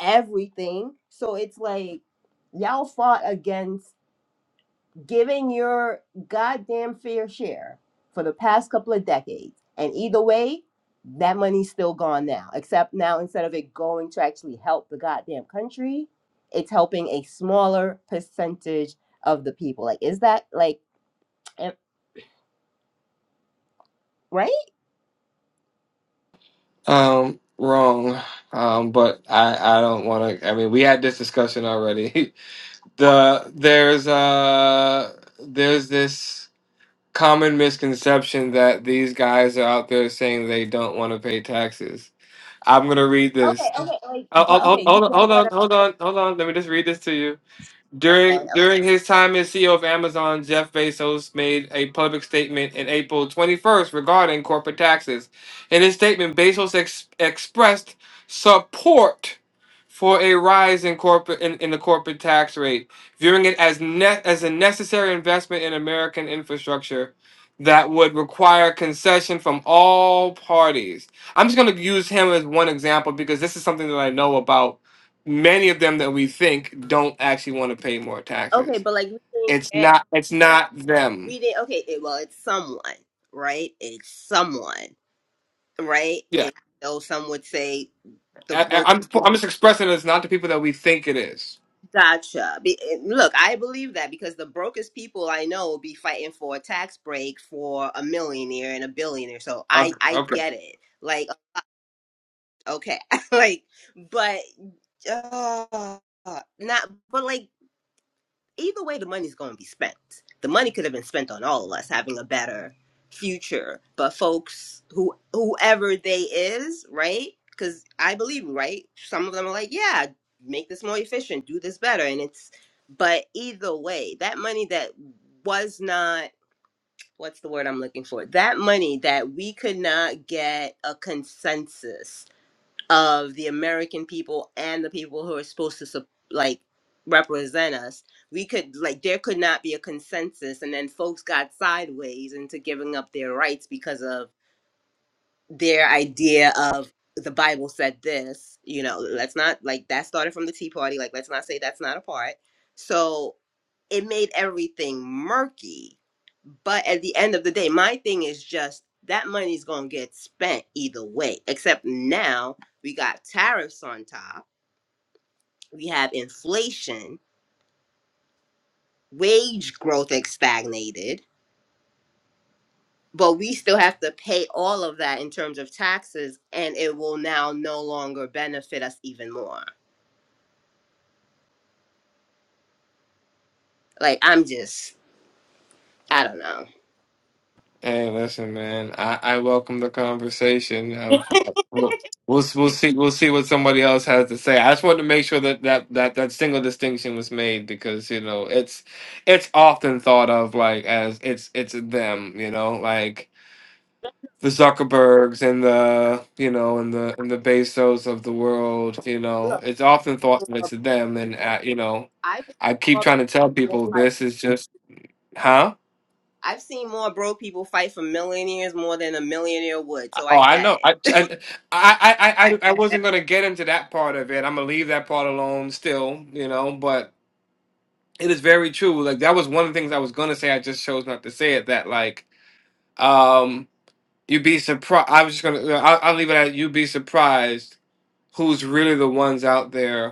Speaker 4: everything. So it's like y'all fought against giving your goddamn fair share for the past couple of decades. And either way, that money's still gone now. Except now, instead of it going to actually help the goddamn country, it's helping a smaller percentage of the people. Like, is that like, eh, right?
Speaker 1: Um, wrong. Um, but I I don't want to. I mean, we had this discussion already. the there's uh there's this common misconception that these guys are out there saying they don't want to pay taxes. I'm gonna read
Speaker 4: Okay,
Speaker 1: this.
Speaker 4: okay, like,
Speaker 1: Oh,
Speaker 4: but
Speaker 1: oh,
Speaker 4: okay,
Speaker 1: oh,
Speaker 4: you
Speaker 1: hold on,
Speaker 4: get
Speaker 1: hold
Speaker 4: what?
Speaker 1: on, hold on, hold on. Let me just read this to you.
Speaker 4: I'm, okay,
Speaker 1: During
Speaker 4: okay,
Speaker 1: during his time as CEO of Amazon, Jeff Bezos made a public statement in April 21st regarding corporate taxes. In his statement, Bezos ex- expressed support for a rise in corporate in, in the corporate tax rate, viewing it as ne- as a necessary investment in American infrastructure that would require concession from all parties. I'm just going to use him as one example because this is something that I know about many of them that we think don't actually want to pay more
Speaker 4: okay,
Speaker 1: taxes.
Speaker 4: but like, we didn't
Speaker 1: It's
Speaker 4: get
Speaker 1: not. It's
Speaker 4: her.
Speaker 1: not them.
Speaker 4: We didn't. Okay, it, well, it's someone, right? It's someone, right?
Speaker 1: Yeah,
Speaker 4: And so some would say the
Speaker 1: I,
Speaker 4: broke.
Speaker 1: am I'm I'm just expressing it's not the people that we think it is.
Speaker 4: Gotcha. Be, eh, look, I believe that because the brokest people I know be fighting for a tax break for a millionaire and a billionaire. So I
Speaker 1: Okay.
Speaker 4: I
Speaker 1: okay.
Speaker 4: get it. Like okay, like but uh, not but like either way the money's going to be spent the money could have been spent on all of us having a better future but folks who whoever they is right because i believe right some of them are like yeah make this more efficient do this better and it's but either way that money that was not what's the word i'm looking for that money that we could not get a consensus of the American people and the people who are supposed to sup- like represent us. We could like there could not be a consensus, and then folks got sideways into giving up their rights because of their idea of the Bible said this. You know, let's not like that started from the Tea Party. Like, let's not say that's not a part. So it made everything murky but at the end of the day, my thing is just that money's gonna get spent either way. Except now we got tariffs on top, we have inflation, wage growth is stagnated, but we still have to pay all of that in terms of taxes, and it will now no longer benefit us even more. Like I'm just, I don't know.
Speaker 1: Hey, listen, man. I, I welcome the conversation. Um, we'll, we'll we'll see we'll see what somebody else has to say. I just wanted to make sure that that that that single distinction was made because you know it's it's often thought of like as it's it's them. You know, like the Zuckerbergs and the you know and the and the Bezos of the world. You know,
Speaker 4: Look,
Speaker 1: it's often thought that it's them, and uh, you know,
Speaker 4: I've seen
Speaker 1: I keep
Speaker 4: more
Speaker 1: trying to tell
Speaker 4: people
Speaker 1: people
Speaker 4: fight-
Speaker 1: this is just huh.
Speaker 4: I've seen more broke people fight for millionaires more than a millionaire would, so
Speaker 1: Oh,
Speaker 4: I
Speaker 1: I
Speaker 4: get
Speaker 1: know. I
Speaker 4: it.
Speaker 1: I I I, I
Speaker 4: I
Speaker 1: wasn't gonna get into that part of it. I'm gonna leave that part alone. Still, you know, but it is very true. Like that was one of the things I was gonna say. I just chose not to say it. That like um. You'd be surprised. I was just gonna. I'll, I'll leave it at. You'd be surprised who's really the ones out there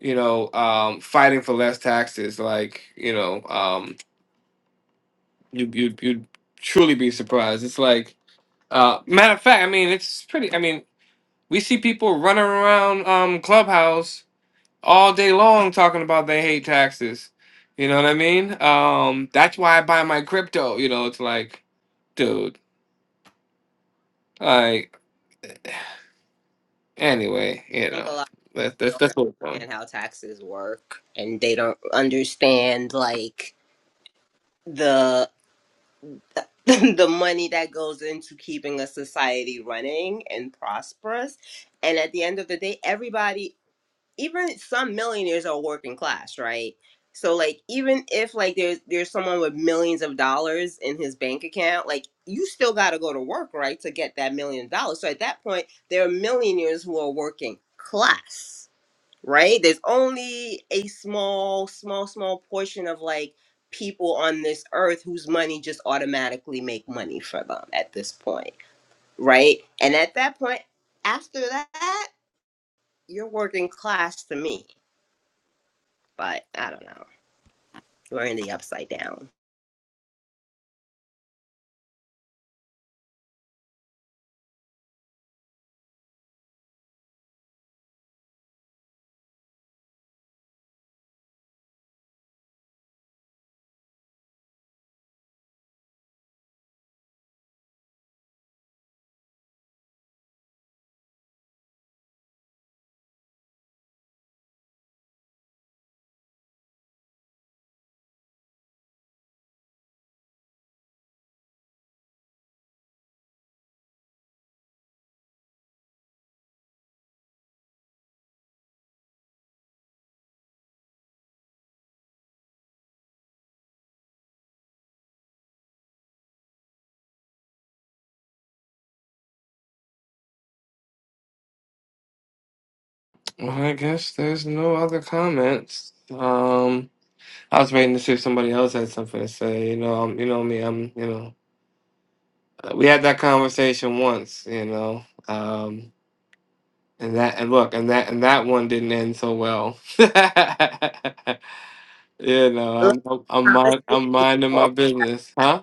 Speaker 1: you know, um, fighting for less taxes. Like, you know, um, you you you'd truly be surprised. It's like, uh, matter of fact, I mean, it's pretty. I mean, we see people running around um, clubhouse all day long talking about they hate taxes. You know what I mean? Um, that's why I buy my crypto. You know, it's like, dude, like anyway, you
Speaker 4: think a
Speaker 1: know,
Speaker 4: lot.
Speaker 1: that, that's that's
Speaker 4: don't
Speaker 1: what's going.
Speaker 4: understand how taxes work and they don't understand like the the money that goes into keeping a society running and prosperous and at the end of the day everybody even some millionaires are working class right so like even if like there's there's someone with millions of dollars in his bank account like you still got to go to work right to get that million dollars so at that point there are millionaires who are working class right? There's only a small, small, small portion of like people on this earth whose money just automatically make money for them at this point, right? And at that point, after that, you're working class to me. But I don't know. We're in the upside down.
Speaker 1: Well, I guess there's no other comments. Um. I was waiting to see if somebody else had something to say. You know, um, you know me. I'm, you know, uh, we had that conversation once. You know, um, and that and look, and that and that one didn't end so well. you know,
Speaker 4: Look,
Speaker 1: I'm I'm I'm, mind, I'm
Speaker 4: Conversations.
Speaker 1: minding my business, huh?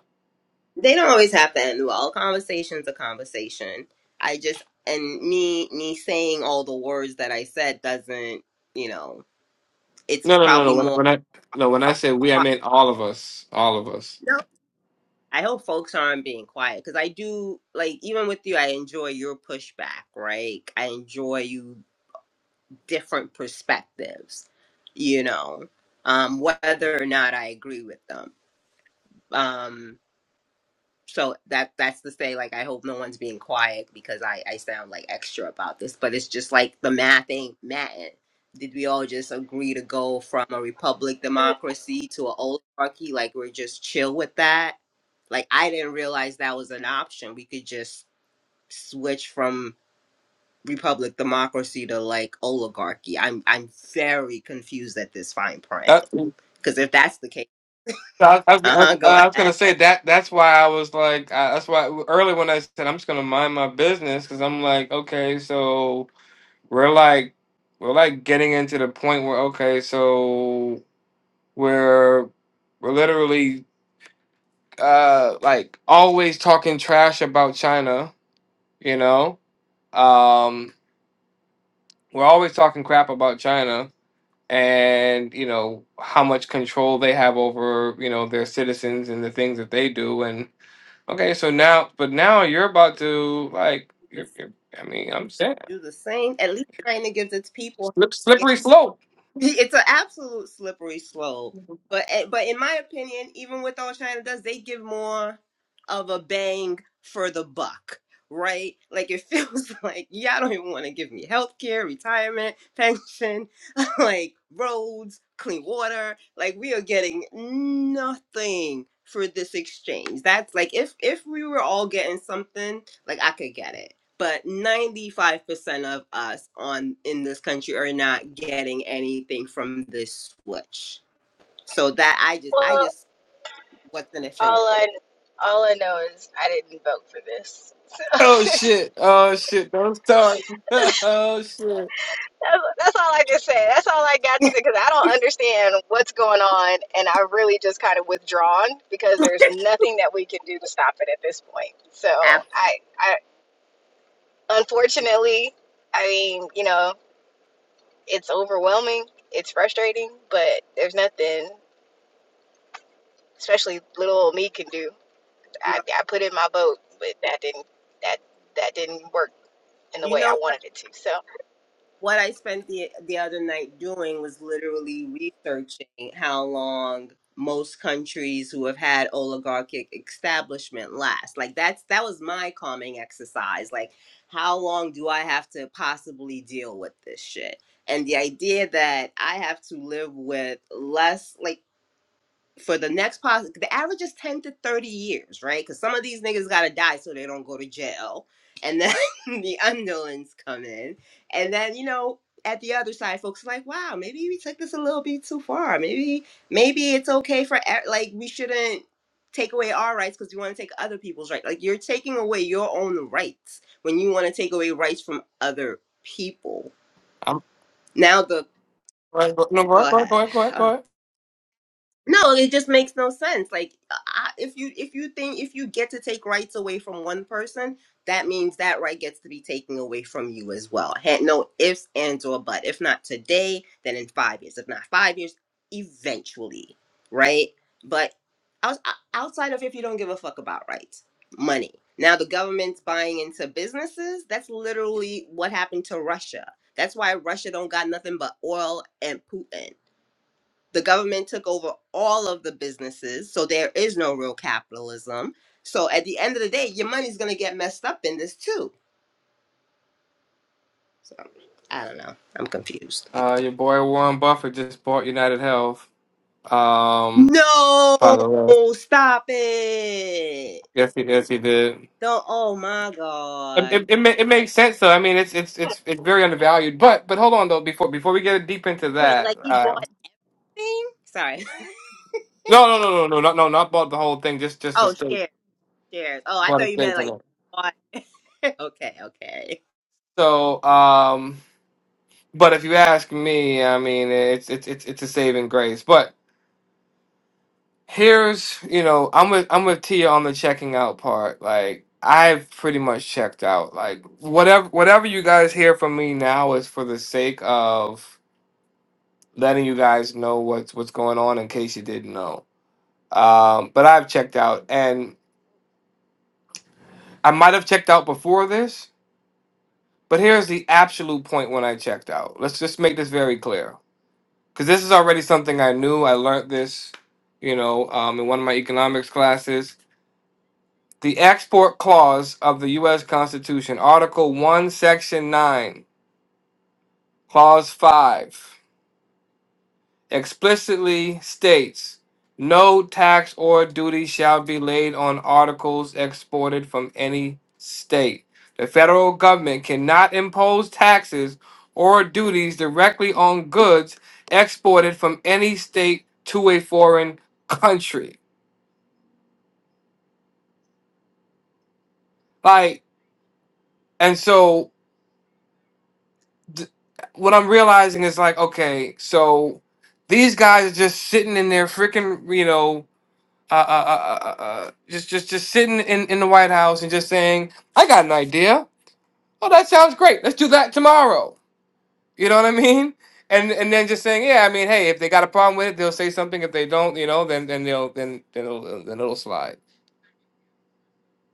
Speaker 4: They don't always have to end well. Conversation's a conversation. I just and me me saying all the words that I said doesn't, you know, it's
Speaker 1: No, no, no, no.
Speaker 4: probably
Speaker 1: When I,
Speaker 4: more
Speaker 1: when I no, when I say
Speaker 4: up.
Speaker 1: we, I meant all of us, all of us.
Speaker 4: No, I hope folks aren't being quiet because I do like even with you, I enjoy your pushback, right? I enjoy you different perspectives, you know, um, whether or not I agree with them. Um, so that that's to say, like, I hope no one's being quiet because I I sound like extra about this, but it's just like the math ain't matting. Did we all just agree to go from a republic democracy to an oligarchy? Like we're just chill with that Like I didn't realize that was an option. We could just switch from republic democracy to like oligarchy. I'm I'm very confused at this fine print
Speaker 1: That's.
Speaker 4: because if that's the case,
Speaker 1: I, I,
Speaker 4: uh
Speaker 1: I,
Speaker 4: huh, go
Speaker 1: I was gonna
Speaker 4: ahead,
Speaker 1: say that. That's why I was like, uh, that's why early when I said I'm just gonna mind my business because I'm like, okay, so We're like we're like getting into the point where okay, so we're we're literally uh like always talking trash about China, you know? Um we're always talking crap about China and you know how much control they have over, you know, their citizens and the things that they do and okay, so now but now you're about to like you're,
Speaker 4: Let's
Speaker 1: you're I mean, I'm saying
Speaker 4: do the same. At least China gives its people.
Speaker 1: slip, slippery slope
Speaker 4: It's an absolute slippery slope. But eh, but in my opinion, even with all China does, they give more of a bang for the buck, right? Like it feels like y'all don't even want to give me health care, retirement, pension, like roads, clean water. Like we are getting nothing for this exchange. That's like if if we were all getting something, like I could get it but 95% of us on in this country are not getting anything from this switch so that i just i
Speaker 6: well,
Speaker 4: just what's in it for me
Speaker 6: all I all I know is I didn't vote for this. So
Speaker 1: Oh
Speaker 6: that's,
Speaker 1: shit! Oh shit! Don't start! oh shit!
Speaker 6: that's all I can say. That's all I got to say because I don't understand what's going on, and I really just kind of withdrawn because there's nothing that we can do to stop it at this point. So
Speaker 4: Ab-
Speaker 6: I, I
Speaker 4: it's-
Speaker 6: unfortunately, I mean, you know, it's overwhelming. It's frustrating, but there's nothing. especially little old me can do. I, I put in my vote, but that didn't that that didn't work in the
Speaker 4: you
Speaker 6: way I
Speaker 4: know
Speaker 6: wanted it to. So
Speaker 4: what I spent the the other night doing was literally researching how long most countries who have had oligarchic establishment last. Like that's that was my calming exercise. Like how long do I have to possibly deal with this shit? And the idea that I have to live with less like for the next pos the average is 10 to 30 years right because some of these niggas gotta die so they don't go to jail and then the underlings come in and then you know at the other side folks are like wow maybe we took this a little bit too far maybe maybe it's okay for e- like we shouldn't take away our rights because we want to take other people's rights like you're taking away your own rights when you want to take away rights from other people
Speaker 1: I'm
Speaker 4: now the
Speaker 1: right, go- no, go ahead,
Speaker 4: go
Speaker 1: go ahead, go
Speaker 4: ahead
Speaker 1: ahead, go ahead, go ahead.
Speaker 4: No, it just makes no sense. Like, I, if you if you think if you get to take rights away from one person, that means that right gets to be taken away from you as well. Ha- No ifs, ands, or but. If not today, then in five years. If not five years, eventually, right? But outs- outside of if you don't give a fuck about rights, money. Now the government's buying into businesses. That's literally what happened to Russia. That's why Russia don't got nothing but oil and Putin the government took over all of the businesses so there is no real capitalism so at the end of the day your money's going to get messed up in this too so i don't know i'm confused
Speaker 1: Uh, your boy Warren Buffett just bought United Health. Um, by
Speaker 4: no
Speaker 1: the way,
Speaker 4: stop it
Speaker 1: yes, he, yes, he did.
Speaker 4: don't oh my
Speaker 1: It,
Speaker 4: god
Speaker 1: it, it, ma- it makes sense though. I mean, it's it's it's it's very undervalued. But but hold on though. Before before we get deep into
Speaker 4: wait
Speaker 1: that,
Speaker 4: like he
Speaker 1: uh,
Speaker 4: bought thing sorry
Speaker 1: no no no no no no no not bought the whole thing. Just just a
Speaker 4: oh
Speaker 1: stake,
Speaker 4: shares shares oh i
Speaker 1: bought a
Speaker 4: thought you
Speaker 1: stake
Speaker 4: meant
Speaker 1: in
Speaker 4: like
Speaker 1: it.
Speaker 4: bought. okay okay
Speaker 1: So um, but if you ask me, I mean, it's it's it's it's a saving grace. But here's you know i'm with i'm with tia on the checking out part like i've pretty much checked out like whatever whatever you guys hear from me now is for the sake of letting you guys know what's what's going on in case you didn't know um but i've checked out and i might have checked out before this but here's the absolute point when i checked out let's just make this very clear because this is already something i knew i learned this you know um in one of my economics classes The export clause of the U.S. Constitution, Article 1, Section 9, Clause 5, explicitly states no tax or duty shall be laid on articles exported from any state. The federal government cannot impose taxes or duties directly on goods exported from any state to a foreign country. Like, and so th- what I'm realizing is like, okay, so these guys are just sitting in their freaking, you know, uh, uh, uh, uh, uh, uh, just just just sitting in in the White House and just saying, I got an idea. Oh, that sounds great. Let's do that tomorrow. You know what I mean? And and then just saying, yeah, I mean, hey, if they got a problem with it, they'll say something. If they don't, you know, then then they'll then then it'll, then it'll slide,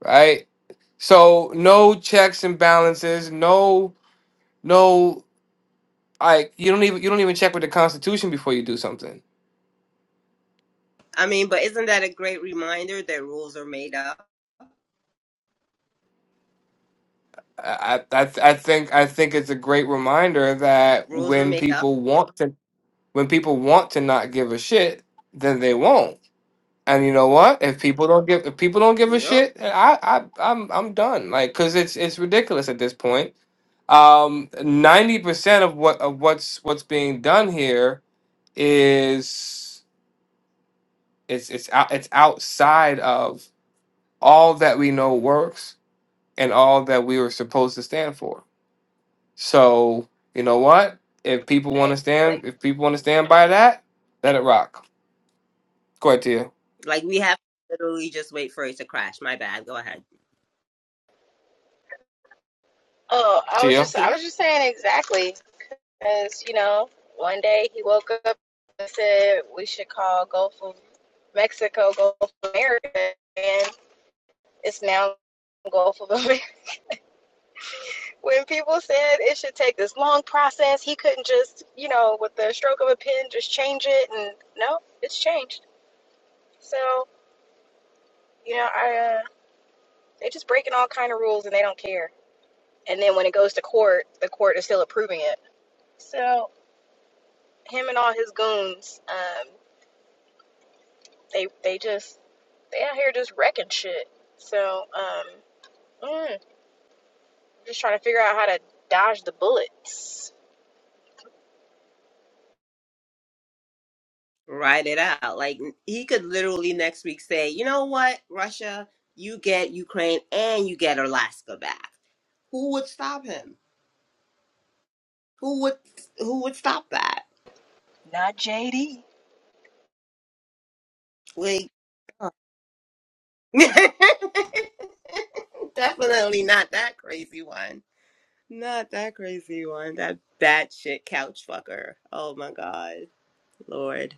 Speaker 1: right? So no checks and balances, no no. like you don't even you don't even check with the Constitution before you do something.
Speaker 4: i mean but isn't that a great reminder that rules are made up
Speaker 1: I I I think I think it's a great reminder that
Speaker 4: rules are
Speaker 1: when
Speaker 4: made up
Speaker 1: people want to when people want to not give a shit, then they won't. And you know what? If people don't give if people don't give a
Speaker 4: Yep.
Speaker 1: shit, I I I'm I'm done. Like cuz it's it's ridiculous at this point. Um 90% of what of what's what's being done here is it's it's out, it's outside of all that we know works and all that we were supposed to stand for. So, you know what? If people want to
Speaker 6: exactly.
Speaker 1: stand, if people want to stand by that, let it rock. Go ahead, Tia.
Speaker 4: Like we have to literally just wait for it to crash. My bad. Go ahead.
Speaker 6: Oh, I was
Speaker 1: Tia.
Speaker 6: just I
Speaker 4: Tia,
Speaker 6: was just saying exactly as you know. One day he woke up and said we should call Gulf of Mexico Gulf of America, and it's now Gulf of America. When people said it should take this long process, he couldn't just you know with the stroke of a pen just change it, and no, it's changed. So You know, I, uh, they're just breaking all kind of rules and they don't care. And then when it goes to court, the court is still approving it. So him and all his goons, um, they they just they out here just wrecking shit. So um, mm, just trying to figure out how to dodge the bullets.
Speaker 4: ride it out. Like he could literally next week say, you know what, Russia, you get Ukraine and you get Alaska back. Who would stop him? Who would who would stop that?
Speaker 6: Not JD.
Speaker 4: Like definitely not that crazy one. Not that crazy one. That batshit couch fucker. Oh my god, Lord.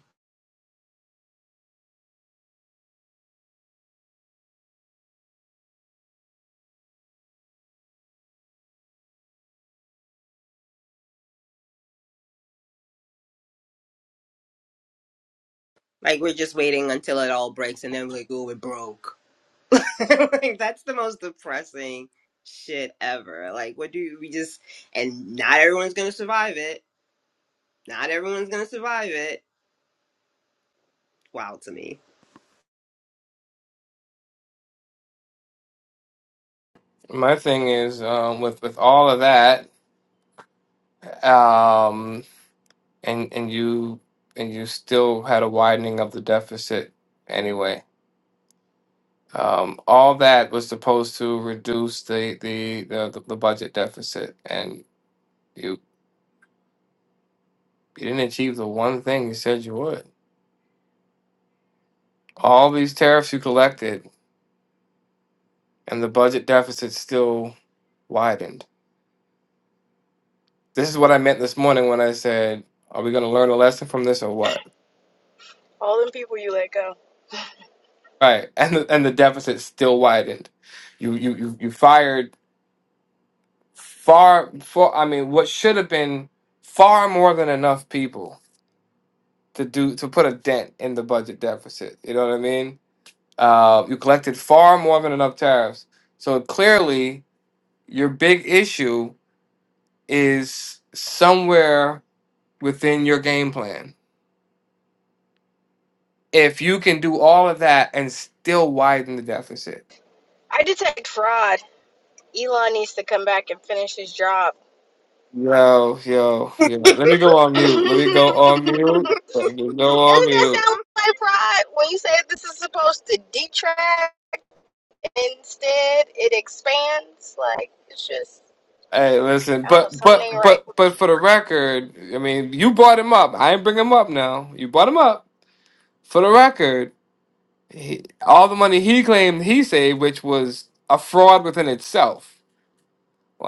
Speaker 4: Like we're just waiting until it all breaks and then we're like, oh, it broke. like, that's the most depressing shit ever. Like, what do you, we just, and not everyone's gonna survive it. Not everyone's gonna survive it. Wow, to me.
Speaker 1: My thing is um, with with all of that, um, and and you and you still had a widening of the deficit anyway. Um, all that was supposed to reduce the the, the the budget deficit, and you you didn't achieve the one thing you said you would. All these tariffs you collected and the budget deficit still widened. This is what I meant this morning when I said, "Are we going to learn a lesson from this or what?"
Speaker 6: All them people you let go.
Speaker 1: Right, and the, and the deficit still widened. You you you you fired far for I mean what should have been far more than enough people to do to put a dent in the budget deficit. You know what I mean? Uh, you collected far more than enough tariffs, so clearly your big issue is somewhere within your game plan If you can do all of that and still widen the deficit.
Speaker 6: I detect fraud. Elon needs to come back and finish his job.
Speaker 1: Yo, yo, yo. Let me go on
Speaker 6: Doesn't
Speaker 1: mute. Let me go on mute. Let me go on
Speaker 6: that
Speaker 1: mute.
Speaker 6: sound like fraud when you say this is supposed to detract? Instead, it expands. Like, it's just,
Speaker 1: Hey, listen,
Speaker 6: I don't know,
Speaker 1: but
Speaker 6: something
Speaker 1: but
Speaker 6: ain't
Speaker 4: oh, so-
Speaker 6: right.
Speaker 1: but but for the record, I mean, you brought him up. I ain't bring him up now. You brought him up. For the record, he, all the money he claimed he saved, which was a fraud within itself.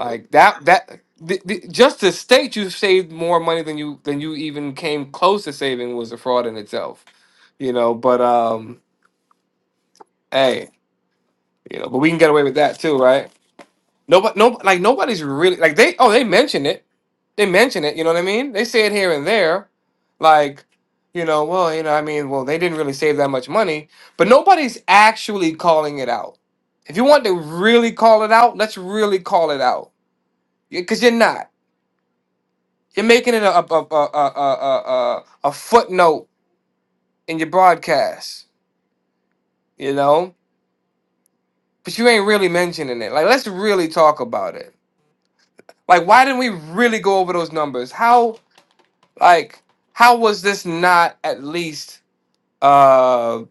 Speaker 4: yep.
Speaker 1: that that the, the, just to state you saved more money than you than you even came close to saving was a fraud in itself. You know, but um hey, you know, but we can get away with that too, right? Nobody no like nobody's really like they oh they mention it. They mention it, you know what I mean? They say it here and there. Like, you know, well, you know, I mean, well, they didn't really save that much money, but nobody's actually calling it out. If you want to really call it out, let's really call it out. Because you're not. You're making it a a a a a a, a, footnote in your broadcast, you know. But you ain't really mentioning it. Like, let's really talk about it. Like, why didn't we really go over those numbers? How like how was this not at least uh,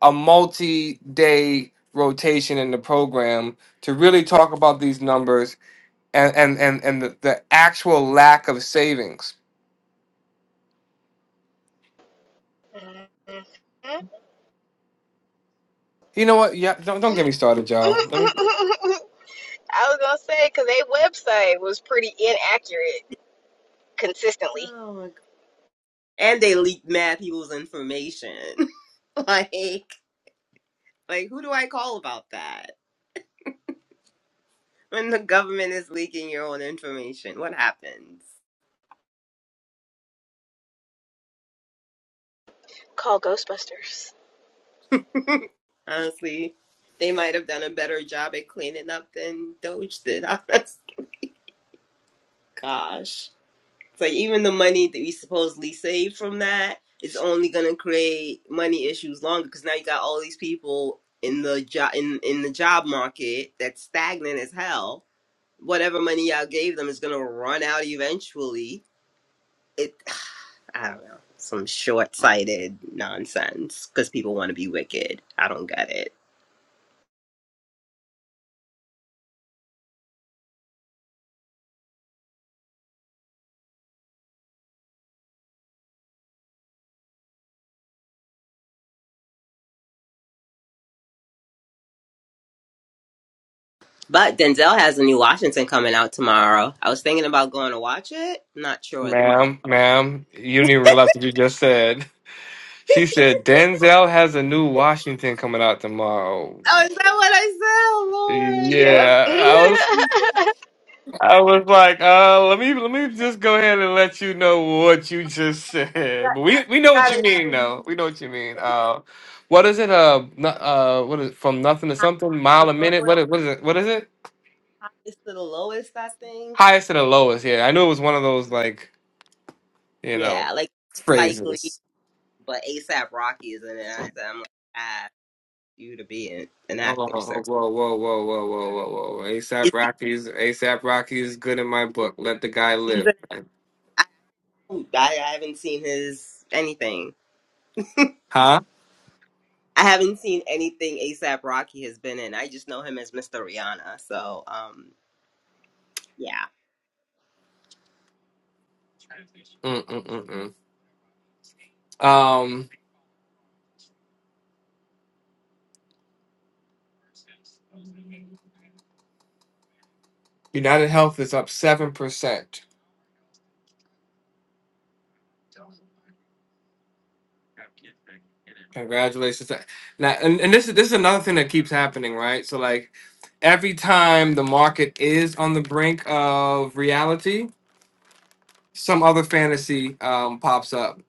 Speaker 1: a multi-day rotation in the program to really talk about these numbers and and and, and the, the actual lack of savings?
Speaker 6: Mm-hmm.
Speaker 1: You know what? Yeah, don't don't get me started, y'all.
Speaker 6: I was going to say, because their website was pretty inaccurate consistently.
Speaker 4: oh my god. And they leaked mad people's information. like, like who do I call about that? When the government is leaking your own information, what happens?
Speaker 6: Call Ghostbusters.
Speaker 4: Honestly, they might have done a better job at cleaning up than Doge did. Honest, gosh. It's like even the money that we supposedly save from that is only gonna create money issues longer because now you got all these people in the job in, in the job market that's stagnant as hell. Whatever money y'all gave them is gonna run out eventually. It I don't know. Some short sighted nonsense because people want to be wicked. I don't get it. But Denzel has a new Washington coming out tomorrow. I was thinking about going to watch it. Not sure though.
Speaker 1: Ma'am, ma'am, you didn't even realize what you just said. She said Denzel has a new Washington coming out tomorrow.
Speaker 4: Oh, is that what I said? Oh,
Speaker 6: Yep.
Speaker 1: Yeah, I was,
Speaker 4: Lord.
Speaker 1: I was like, uh, let me, let me just go ahead and let you know what you just said.
Speaker 4: Got-
Speaker 1: But we, we know what you
Speaker 4: Gotta
Speaker 1: mean,
Speaker 4: be
Speaker 1: though. We know what you mean. Uh, what is it? Uh, no- uh, what is from nothing to
Speaker 4: high
Speaker 1: something?
Speaker 4: to
Speaker 1: Mile a
Speaker 4: the
Speaker 1: minute?
Speaker 4: lowest,
Speaker 1: What? is- What is it? What is it?
Speaker 4: highest to the lowest. I think.
Speaker 1: Highest to the lowest. Yeah, I knew it was one of those like you know
Speaker 4: Yeah, like Spike
Speaker 1: phrases.
Speaker 4: Lee, but ASAP Rocky is in it. So I'm like, I asked you to be an, an
Speaker 1: Oh, oh,
Speaker 4: actor,
Speaker 1: whoa,
Speaker 4: sir.
Speaker 1: whoa, whoa, whoa, whoa, whoa, whoa.
Speaker 4: Is
Speaker 1: ASAP
Speaker 4: he,
Speaker 1: Rocky's ASAP Rocky is good in my book. Let the guy
Speaker 4: he's
Speaker 1: live.
Speaker 4: an, I, don't- I I haven't seen his anything.
Speaker 1: Huh?
Speaker 4: I haven't seen anything ASAP Rocky has been in. I just know him as Mr. Rihanna. So, um, yeah.
Speaker 1: Mm-mm-mm-mm. Um, United Health is up seven percent. Congratulations. Now, and, and this is this is another thing that keeps happening, right? So like every time the market is on the brink of reality, some other fantasy um pops up.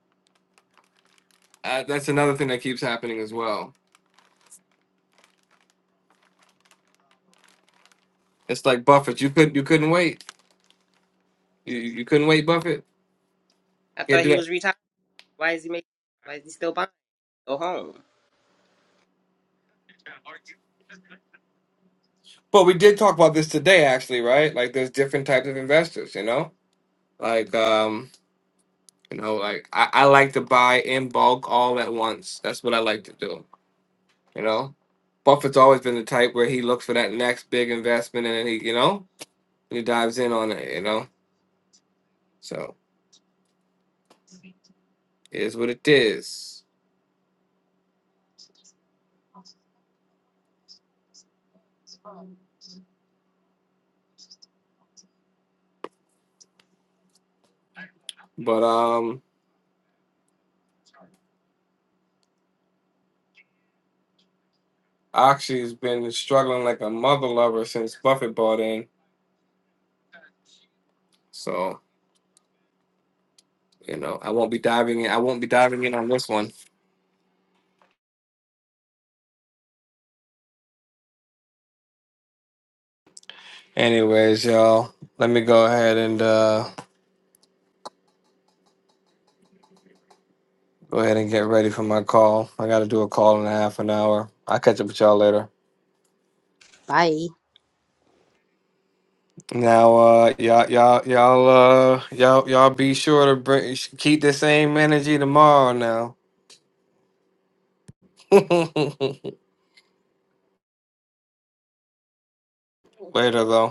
Speaker 1: Uh, that's another thing that keeps happening as well. It's like Buffett. You could you couldn't wait. You, you couldn't wait, Buffett.
Speaker 4: I
Speaker 1: Yeah,
Speaker 4: thought
Speaker 1: do
Speaker 4: he
Speaker 1: that.
Speaker 4: was retired. Why is he making? Why is he still buying? Go home.
Speaker 1: But we did talk about this today, actually, right? Like, there's different types of investors, you know? Like, um, you know, like I, I like to buy in bulk all at once. That's what I like to do, you know? Buffett's always been the type where he looks for that next big investment and then he, you know, he dives in on it, you know? So, it is what it is. But, um, Oxy's been struggling like a mother lover since Buffett bought in. So, you know, I won't be diving in. I won't be diving in on this one. Anyways, y'all, let me go ahead and uh go ahead and get ready for my call. I gotta do a call in a half an hour. I'll catch up with y'all later.
Speaker 4: Bye.
Speaker 1: Now, uh, y'all, y'all, y'all, uh, y'all, y'all, be sure to bring keep the same energy tomorrow. Now, later though.